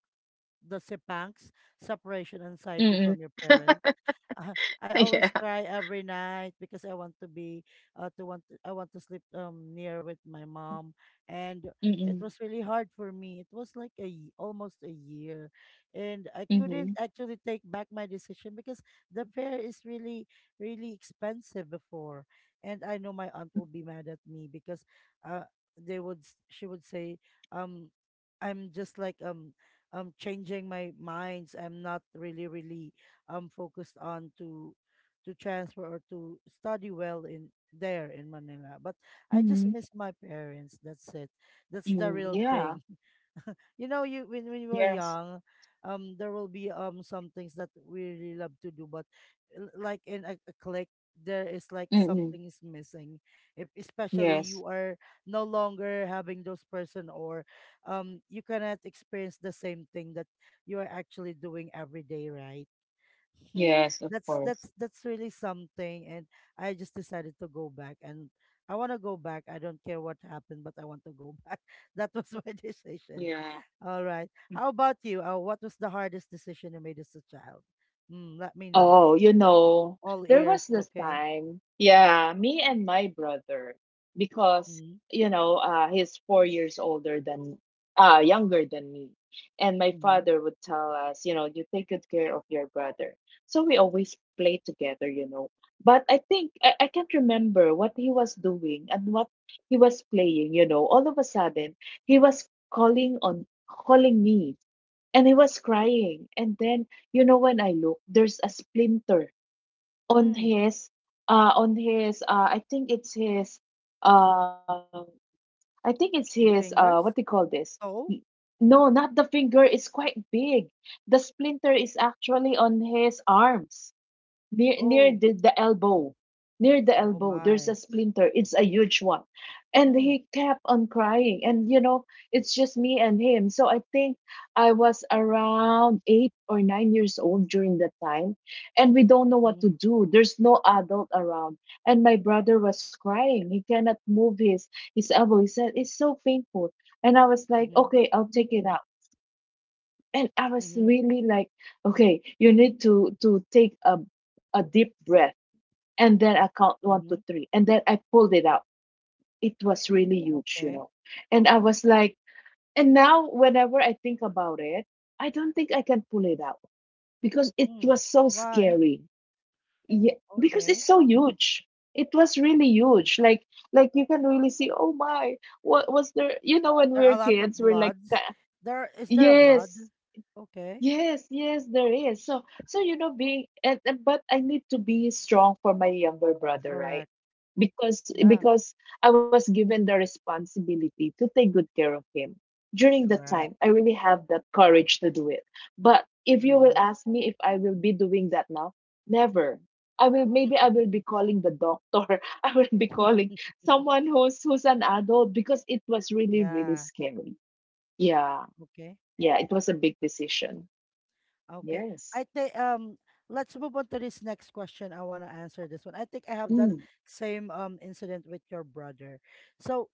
the sepangs, separation anxiety Mm-mm. from your parents. Uh, I *laughs* Yeah. always cry every night because I want to be to want I want to sleep near with my mom, and it Mm-mm. was really hard for me. It was like a almost a year, and I couldn't Mm-hmm. actually take back my decision because the fare is really really expensive before, and I know my aunt will be mad at me because uh they would she would say um I'm just like changing my minds. I'm not really really focused on to transfer or to study well in there in Manila. But I just Mm-hmm. miss my parents. That's it. That's the Mm-hmm. real thing. Yeah. *laughs* You know, you, when you were Yes. young, there will be some things that we really love to do, but like in a click, there is like something Mm-mm. is missing. If especially you Yes. are no longer having those person, or you cannot experience the same thing that you are actually doing every day, right? *laughs* Yes, of that's that's course. that's really something. And I just decided to go back, and I want to go back, I don't care what happened, but I want to go back. *laughs* That was my *laughs* decision. Yeah. All right, how about you? Uh, what was the hardest decision you made as a child? Mm, let me know. Oh, All there was ears. this Okay. time, yeah, me and my brother, because, Mm-hmm. He's 4 years younger than me. And my Mm-hmm. father would tell us, you take good care of your brother. So we always played together. But I think I can't remember what he was doing and what he was playing. All of a sudden, he was calling me, and he was crying, and then when I look, there's a splinter on Mm. his I think it's his uh My what do you fingers. call this. Y- Oh. no, not the finger, it's quite big. The splinter is actually on his arms, near Oh. near the elbow. Near the Oh elbow, there's a my. splinter, it's a huge one. And Mm. he kept on crying, and it's just me and him. So I think I was around 8 or 9 years old during that time. And we don't know what Mm-hmm. to do, there's no adult around. And my brother was crying, he cannot move his elbow, he said it's so painful. And I was like, Mm-hmm. okay, I'll take it out. And I was Mm-hmm. really like, okay, you need to take a deep breath. And then I count one, two, Mm-hmm. three, and then I pulled it out. It was really huge, you Okay. know. And now whenever I think about it, I don't think I can pull it out because it Mm. was so Why? scary. Yeah, because Okay. it's so huge. It was really huge. Like, you can really see. Oh my, what was there? When we There are a were lot of kids, we're like, bloods. "Ah, There is, there a blood? yes, Okay. yes, yes, there is. So, being and but I need to be strong for my younger brother, right? Correct. Because Yeah. because I was given the responsibility to take good care of him. During that time, Correct. I really have that courage to do it. But if you will Mm-hmm. ask me if I will be doing that now, never. I will Maybe I will be *laughs* calling the doctor. *laughs* I will be calling someone who's an adult because it was really, Yeah. really scary. Yeah. Okay. Yeah, it was a big decision. Okay. Yes. I think let's move on to this next question. I want to answer this one. I think I have Mm, that same incident with your brother. So,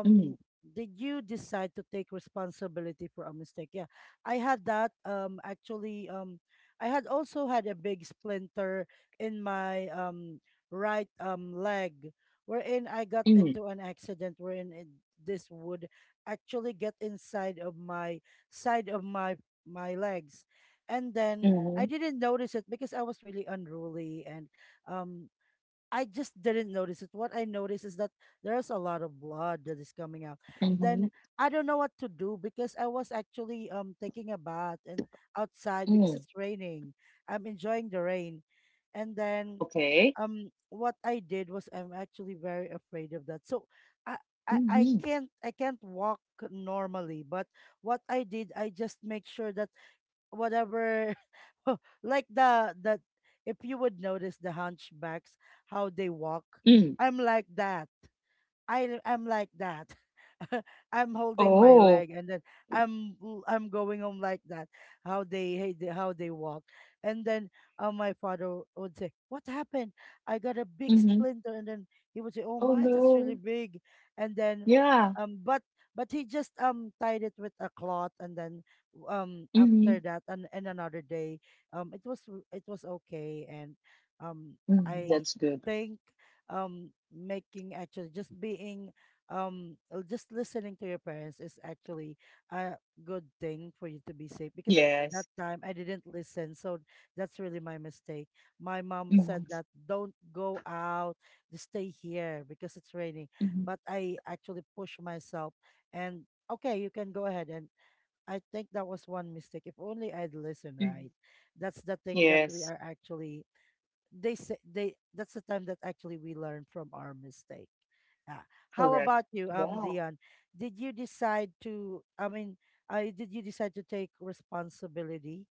mm, did you decide to take responsibility for a mistake? Yeah. I had that actually I had also had a big splinter in my right leg, wherein I got mm, into an accident wherein it, this would actually get inside of my side of my my legs, and then I mhm, didn't notice it because I was really unruly, and um I just didn't notice it. What I noticed is that there's a lot of blood that is coming out. Then mhm, I don't know what to do because I was actually taking a bath, and outside, because mm. it's raining. I'm enjoying the rain. And then Okay. What I did was, I'm actually very afraid of that. So I Mhm, I can't walk normally, but what I did, I just make sure that whatever *laughs* like the if you would notice the hunchbacks, how they walk, mm. I'm like that. I am like that. *laughs* I'm holding my Oh, leg, and then I'm I'm going home like that. How they, how they walk. And then my father would say, "What happened? I got a big mhm. splinter." And then he would say, "Oh Oh my, that's really no. big." And then Yeah. um but but he just tied it with a cloth, and then after Mhm, that, and another day it was, it was okay. And um mhm. I That's good. think making, actually just being just listening to your parents is actually a good thing for you to be safe, because that Yes. time I didn't listen, so that's really my mistake. My mom said Mhm, that don't go out, just stay here because it's raining, mhm, but I actually pushed myself, and okay, you can go ahead. And I think that was one mistake. If only I'd listened, mhm. right? That's the thing that we Yes. are actually, they say, they, that's the time that actually we learn from our mistake. Yeah. How Correct. about you, Yeah. Dion? Did you decide to? I mean, I did you decide to take responsibility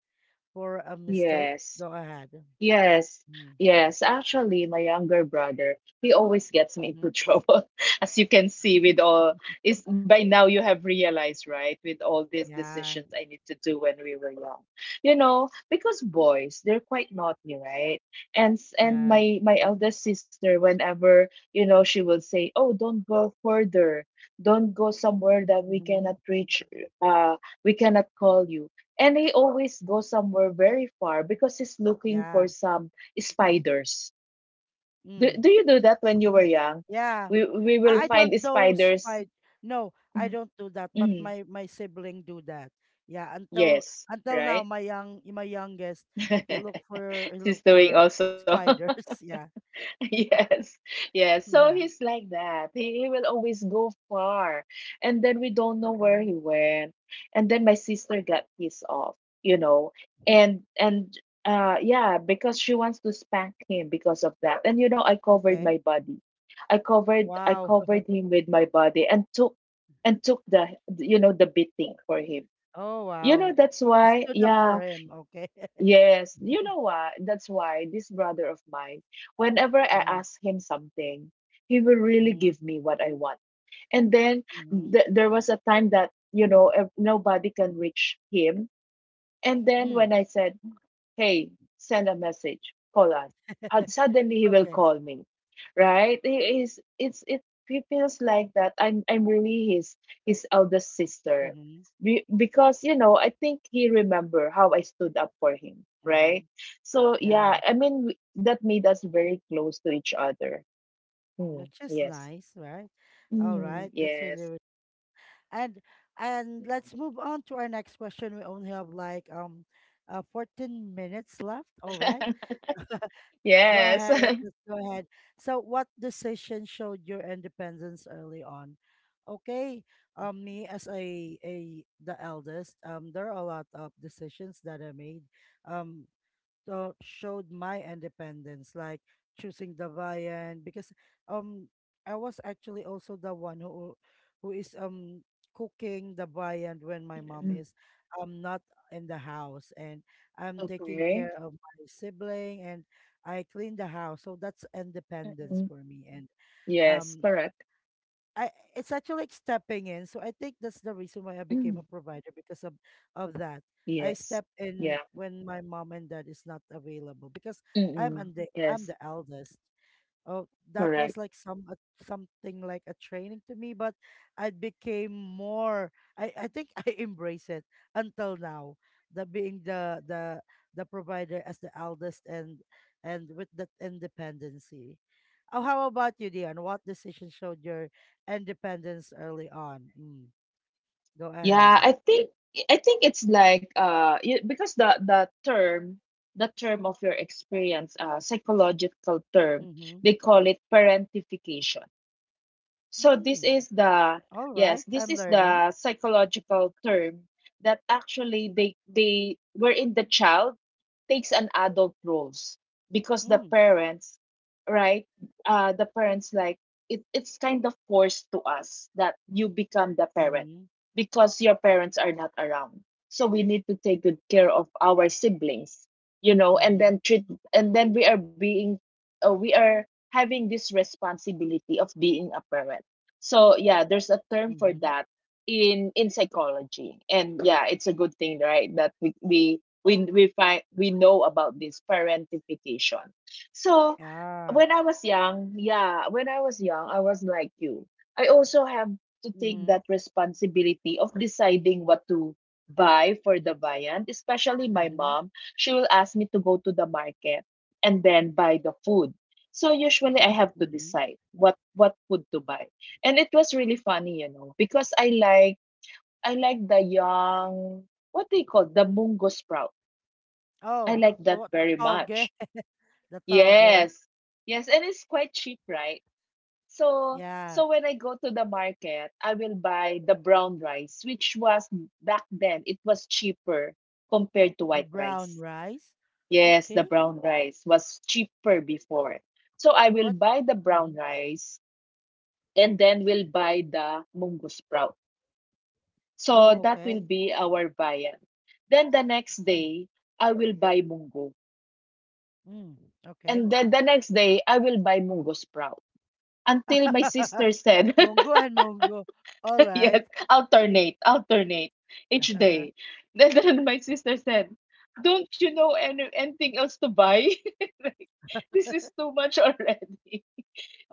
for a mistake? Yes. Go ahead. Yes, Mm. yes. Actually, my younger brother, he always gets me Mm-hmm. into trouble. *laughs* As you can see, with all is by now you have realized, right? With all *laughs* these Yeah. decisions I need to do when we were young. You know, because boys, they're quite naughty, right? And Yeah. my eldest sister, whenever, she will say, "Oh, don't go further. Don't go somewhere that we Mm-hmm. cannot reach, uh, we cannot call you." And he always goes somewhere very far because he's looking Yeah. for some spiders. Do, Mm. do you do that when you were *laughs* young? Yeah. We will I find don't do spiders. spy. No, I don't do that. But Mhm. my sibling do that. Yeah, Yes, until now, right? My youngest, *laughs* he look She's doing for also. spiders. *laughs* Yeah, *laughs* Yes, yes. So yeah. he's like that. He will always go far. And then we don't know where he Hmm. went. And then my sister got pissed off, you know. And yeah, because she wants to spank him because of that. And you know, I covered Okay. my body. I covered I Wow. *laughs* covered him with my body and took the beating for him. Oh You wow. know, that's It why, stood up for yeah, him. Okay. yes, you *laughs* know what? That's why this brother of mine, whenever I Hmm. ask him something, he will really Hmm. give me what I want. And then Hmm. th there was a time that, nobody can reach him. And then Mm. when I said, hey, send a message, call us. *laughs* And suddenly he will Okay. call me, right? He is, it's, it, he feels like that. I'm really his eldest sister. Hmm. Because, you know, I think he remember how I stood up for him, Hmm. right? So, yeah, Yeah, I mean, that made us very close to each other. Mm, which is yes. nice, right? All Mm, right. That's really, yes. really. And and let's move on to our next question. We only have like 14 minutes left. All right. *laughs* Go Yes. ahead. *laughs* Let's go ahead. So what decision showed your independence early on? Okay. Me as a the eldest, there are a lot of decisions that I made. Um Showed my independence, like choosing the viand because um I was actually also the one who is cooking the viand when my mom Mm, is not in the house, and I'm taking okay. care of my sibling, and I clean the house. So that's independence Mm, for me. And yes, um correct. I it's actually like stepping in. So I think that's the reason why I became Mm, a provider because of that. I yes. step in Yeah. when my mom and dad is not available because Mm-mm. I'm Yes, the eldest. Oh, that correct. was like some something like a training to me, but I became more. I think *laughs* I embrace it until now. The being the provider as the eldest and with that independency. Oh, how about you, Dion? What decision showed your independence early on? Mm, go Yeah, ahead. I think it's like because the term of your experience, psychological term, Mm-hmm. they call it parentification. So this Mm. is the All right, yes, this I'm is learning. the psychological term that actually they were in the child takes an adult roles because the Mm. parents, right, the parents like it's kind of forced to us that you become the parent Mm-hmm. because your parents are not around, so we need to take good care of our siblings, and Mm-hmm. then we are uh, we are having this responsibility of being a parent. So yeah, there's a term for Mm-hmm. that in psychology. And yeah, it's a good thing, right? That we know about this parentification. So Ah. when I was young, yeah, when I was young, I was like you. I also have to take Mm-hmm. that responsibility of deciding what to buy for the viand, especially my Mm-hmm. mom. She will ask me to go to the market and then buy the food. So usually I have to Mm-hmm. decide what food to buy. And it was really funny, because I like the young, what do you call, the mungo sprout. I Oh, like that what very toge? much. *laughs* The toge. Yes. Yes, and it's quite cheap, right? So Yeah, so when I go to the market, I will buy the brown rice, which was back then it was cheaper compared to the white brown rice. rice. Yes, the Okay. brown rice was cheaper before. So I will What? buy the brown Mhm. rice and then we'll buy the mungo sprout. So Oh, that okay. will be our viand. Then the next Mm, day, I will buy mungo. mm, okay. And then the next day, I will buy mungo sprout. Until my *laughs* sister said, *laughs* Mongo and Mongo. All *laughs* right. yes, alternate, alternate each day. *laughs* *laughs* And then my sister said, "Don't you know anything else to buy? *laughs* Like, this is too much already."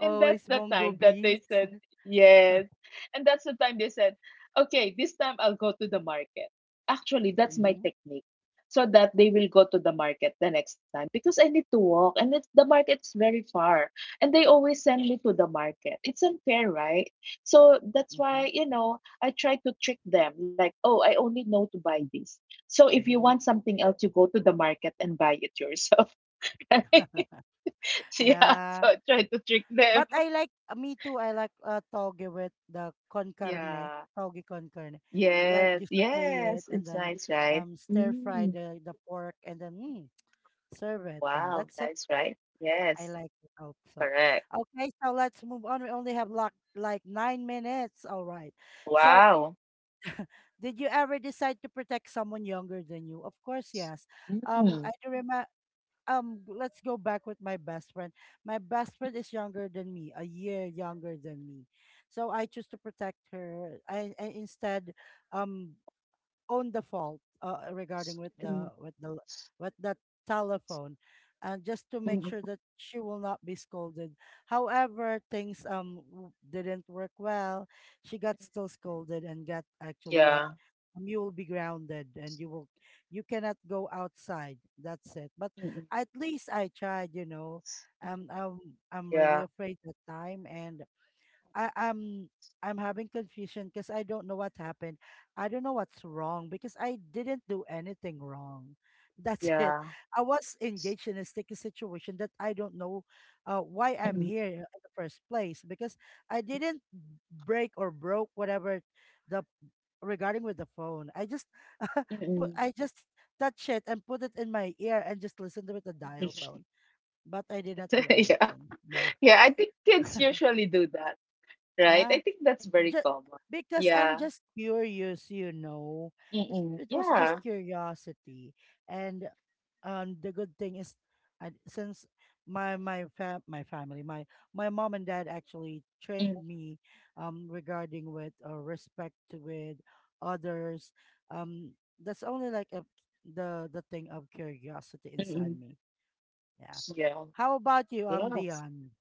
And that's the Mongo time that beans. they said, yes. And that's the time they said, okay, this time I'll go to the market. Actually, that's my Mm-hmm. technique. So that they will go to the market the next time because I need to walk and the market's very far. And they always send me to the market. It's unfair, right? So that's why, Mm-hmm. I try to trick them like, oh, I only know to buy this. So if you Mm-hmm. want something else, you go to the market and buy it yourself. *laughs* Right? *laughs* *laughs* Yeah. So Yeah. I try to trick them. But I like, me too. I like, toge with the con carne, Yeah. toge con carne. You like Yes, you saute it yes, and it's then nice, right? Stir fry Mm, the pork and then serve it and wow, that's it. nice, right? I Yes, like it also. correct. Okay, so let's move on. We only have like 9 minutes. All right. So Wow. did you ever decide to protect someone younger than you? Of course, yes. Mm, I do remember, let's go back with my best friend. My best friend is younger than me, a year younger than me. So I choose to protect her. I instead um own the fault, regarding with the mm, with the telephone, and just to make mm, sure that she will not be scolded. However, things didn't work well. She got still scolded and got actually like, yeah. You will be grounded and you cannot go outside. That's it, but Mm, mm, at least I tried. um i'm I'm yeah, really afraid that time, and I, I'm I'm having confusion because I don't know what happened. I don't know what's wrong because I didn't do anything wrong. *laughs* That's it. yeah. I was engaged in a sticky situation that I don't know, why I'm Mm, here in the first place because I didn't break or broke whatever the, regarding with the phone. I just *laughs* put. mm, I just touch it and put it in my ear and just listen to it, the dial mm. tone. But I did not do *laughs* Yeah, anything. Yeah. yeah. I think *laughs* kids usually do that, right? I Yeah, think that's very just common. because Yeah. I'm just curious, you know. It Mm-mm. it was just Yeah. curiosity, and the good thing is, since my family, my mom and dad actually trained me, regarding with or respect to with others. Um, that's only like a, the thing of curiosity inside Mm-mm. me. Yeah. Yeah. How about you, Yes. Dion?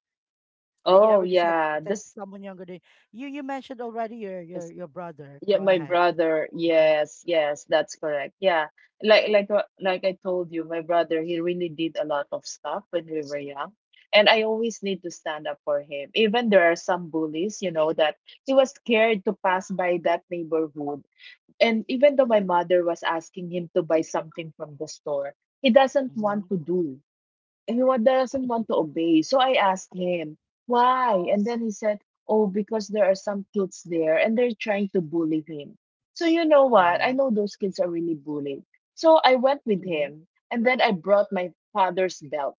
Did you Oh, ever decide to yeah. protect This. someone younger than you? You mentioned already your brother. Yeah, Go my ahead. brother. Mhm. Yes, yes, that's correct. Yeah. Like I told you, my brother, he really did a lot of stuff when we were young. And I always need to stand up for him. Even there are some bullies, that he was scared to pass by that neighborhood. And even though my mother was asking him to buy something from the store, he doesn't want Mhm. to do and he doesn't want to obey. So I asked him, why? And then he said, oh, because there are some kids there and they're trying to bully him. So you know what? I Mhm. know those kids are really bullied. So I went with Mhm. him and then I brought my father's belt.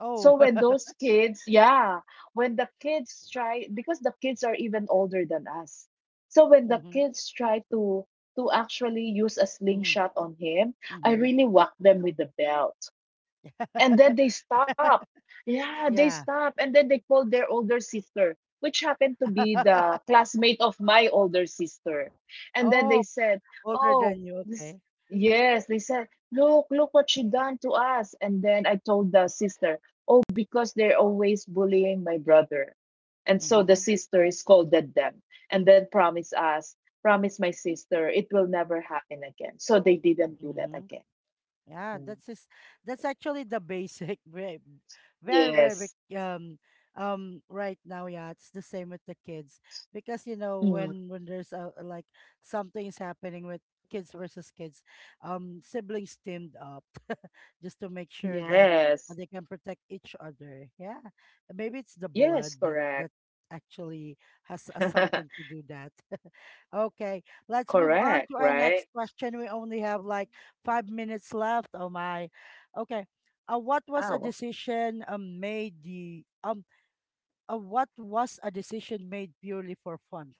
Oh. So when *laughs* those kids, yeah, when the kids try, because the kids are even older than us. So when the Mhm. kids try to actually use a Mhm. slingshot on him, I Mhm. really whack them with the belt and then they *laughs* stop. Yeah, they Yeah. stop, and then they called their older sister, which happened to be the *laughs* classmate of my older sister. And then Oh, they said, older "Oh, than you. this." Okay. Yes, they said, "Look, look what she done to us." And then I told the sister, "Oh, because they're always bullying my brother." And so the Mm-hmm. sister scolded them and then promised us, promised my sister, it will never happen again. So they didn't do that Mm-hmm. again. Yeah, Mm. That's actually the basic *laughs* very, very, very Yes. Right now. Yeah, it's the same with the kids because, you know, Mm. when there's like, something is happening with kids versus kids. Siblings teamed up *laughs* just to make sure that Yes. they can protect each other. Yeah, maybe it's the Yes, blood that correct. that actually has, *laughs* something to do that. *laughs* Okay, let's Correct, move on to right? our next question. We only have like 5 minutes left. Oh my. Okay. Uh, what was Wow. a decision um made the um what was a decision made purely for fun?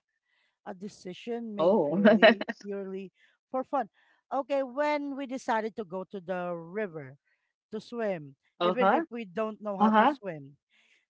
A decision made Oh. purely, *laughs* purely for fun. Okay, when we decided to go to the river to swim, even Uh-huh. if we don't know how to Uh-huh. swim,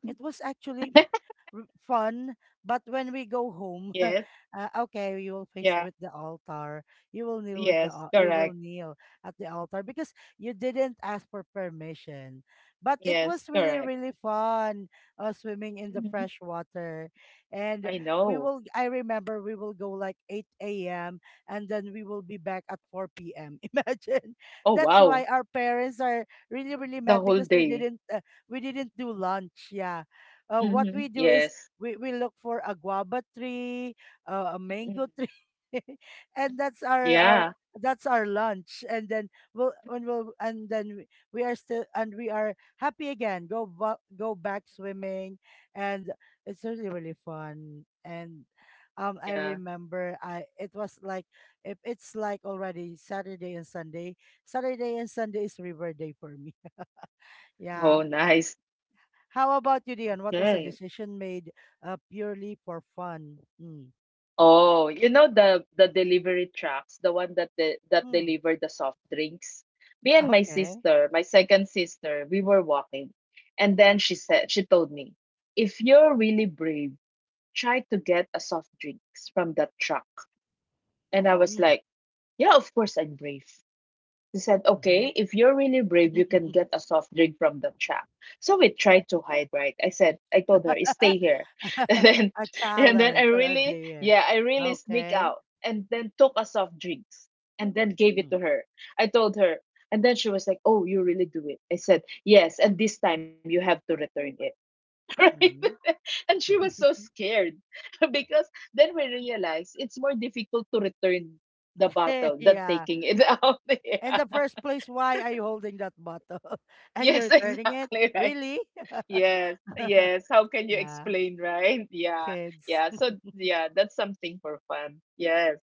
it was actually *laughs* fun, but when we go home, *laughs* Yes. Okay, you will face Yeah. with the altar. You will kneel with the Yes, al- you will correct. kneel at the altar because you didn't ask for permission. But it Yes, was really, correct. really fun, swimming in the Hmm. fresh water, and I we know. will. I remember we will go like 8 a.m. and then we will be back at 4 p.m. *laughs* Imagine, Oh, that's why wow. our parents are really, really The mad whole because day. We didn't do lunch. Yeah, what Mm-hmm. we do is Yes. we look for a guava tree, a Hmm. mango tree, *laughs* and Yeah. that's our lunch. And then we are still and we are happy again. Go back swimming, and it's really, really fun. And I Yeah. remember, I it was like if it's like already Saturday and Sunday. Saturday and Sunday is river day for me. *laughs* Yeah, Oh, nice. how about you, Dion? What was a Okay. decision made, purely for fun? Mm. Oh, you know the delivery trucks, the one that de that Mm. deliver the soft drinks. Me and my Okay. sister, my second sister, we were walking, and then she told me, if you're really brave, try to get a soft drinks from that truck. And I was Mm. like, yeah, of course I'm brave. He said, okay, Hmm. if you're really brave, you can get *laughs* a soft drink from the shop. So we tried to hide, right? I said, I told her, stay here. *laughs* And then, A and then I challenge or a really, dare. yeah, I really sneak Okay. out and then took a soft drinks and then gave it Mm. to her. I told her, and then she was like, oh, you really do it. I said, yes. And this time you have to return it. *laughs* Right? Mm-hmm. And she was so *laughs* scared *laughs* because then we realized it's more difficult to return the bottle than Yeah. taking it *laughs* out. And the Yeah. first place, why are you holding that bottle? *laughs* And Yes, you're *laughs* turning it? exactly, right. Really? Yes, *laughs* yes. How can *laughs* you Yeah. explain, right? Yeah, Kids. yeah. So, yeah, that's something for fun. Yes,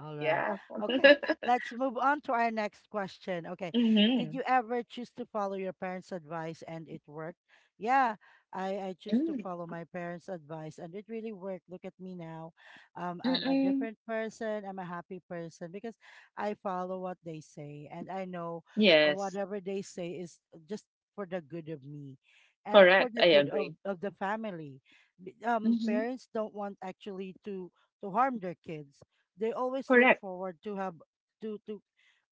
All right. yeah. Okay. *laughs* Let's move on to our next question. Okay. Did Mm-hmm. you ever choose to follow your parents' advice and it worked? Yeah, I choose to Mm. follow my parents' advice and it really worked. Look at me now. I'm a Mm-mm. different person. I'm a happy person because I follow what they say and I know, Yes, whatever they say is just for the good of me and for correct. the I good of, agree. of the family. Mm-hmm. Parents don't want actually to harm their kids. They always look Correct. forward to have to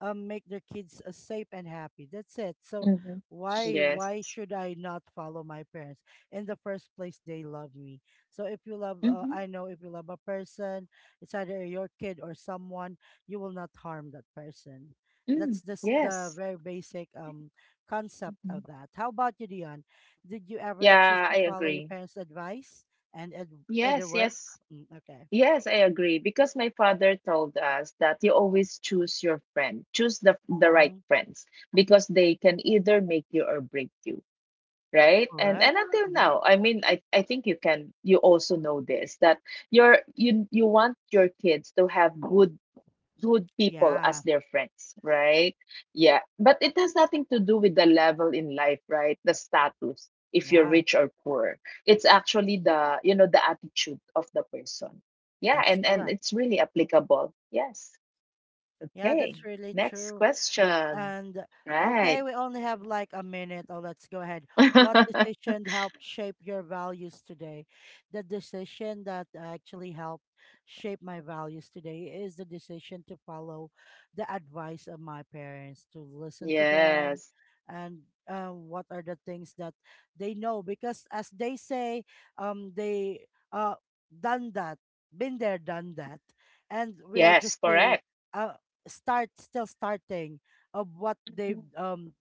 make their kids safe and happy. That's it. So Mm-hmm. why Yes. should I not follow my parents? In the first place, they love me. So if you love, Mm-hmm. I know if you love a person, it's either your kid or someone, you will not harm that person. That's Mm. just the Yes. very basic concept of Mhm. that. How about you, Dion? Did you ever choose Yeah, to I follow your agree. parents' advice and it Yes, work? yes. Mm, okay. Yes, I agree because my father told us that you always choose your friend, choose the right Mm-hmm. friends because they can either make you or break you, right? And Correct. and until Hmm. now, I mean, I think you can, you also know this that you want your kids to have good people Yeah. as their friends, right? Yeah. But it has nothing to do with the level in life, right? The status, if you're Yeah. rich or poor. It's actually the, you know, the attitude of the person. Yeah, That's and correct. it's really applicable. Yes. Yeah, Okay. that's really Next true. question. And okay, Right. we only have like a minute. Oh, let's go ahead. What *laughs* decision helped shape your values today? The decision that actually helped shape my values today is the decision to follow the advice of my parents, to listen to them, Yes. and what are the things that they know. Because as they say, they uh done that, been there, done that, and we are Yes, just here. correct. Uh, start Still starting of what Mhm. they've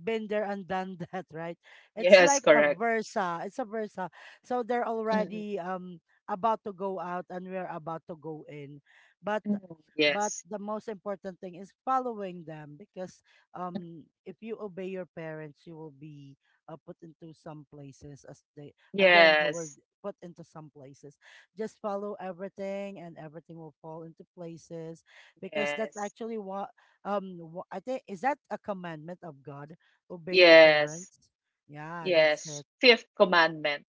been there and done *laughs* that, right? It's Yes, like a correct. versa. It's a versa. So they're Mhm. already about to go out and we're about to go in. But Mhm. but Yes. the most important thing is following them, because if you obey your parents, you will be, put into some places as they, again, the word, Yes. put into some places. Just follow everything and everything will fall into places because that's Yes. actually what, I think, is that a commandment of God, obey your Yes. parents. Yeah, that's Yes. it. Fifth commandment.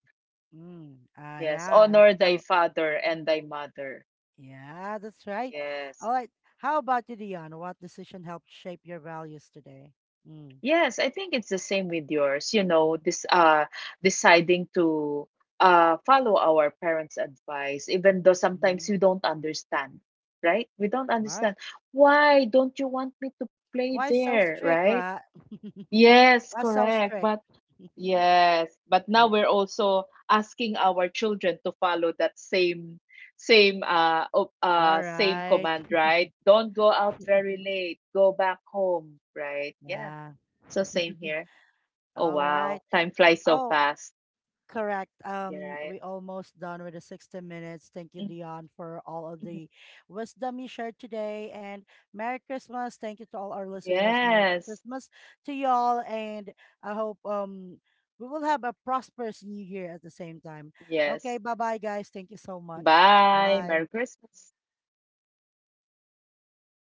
Yes. Yeah, I'm Honor thy still. father and thy mother. Yeah, that's right. Yes. All right. How about you, Dion? What decision helped shape your values today? Mm. Yes, I think it's the same with yours. You know, this deciding to follow our parents' advice, even though Mm-hmm. sometimes we don't understand, right? We don't All right. understand. Why don't you want me to play Why so there, strict, right? right? Yes, *laughs* Why so correct. strict? But *laughs* yes, but now Alright, we're also asking our children to follow that same you're same right. command, right? Don't go out very *laughs* late. Go back home, right? Yeah. Yeah. So same here. *laughs* Oh All wow, right. time flies so Oh. fast. Correct. You're right. We almost done with the 60 minutes. Thank you, Dion, for all of Mhm. the wisdom you shared today. And Merry Christmas. Thank you to all our listeners. Merry Yes. Christmas to y'all. And I hope we will have a prosperous new year at the same time. Okay, Yes. bye bye guys. Thank you so much. Bye. Merry Bye. Christmas.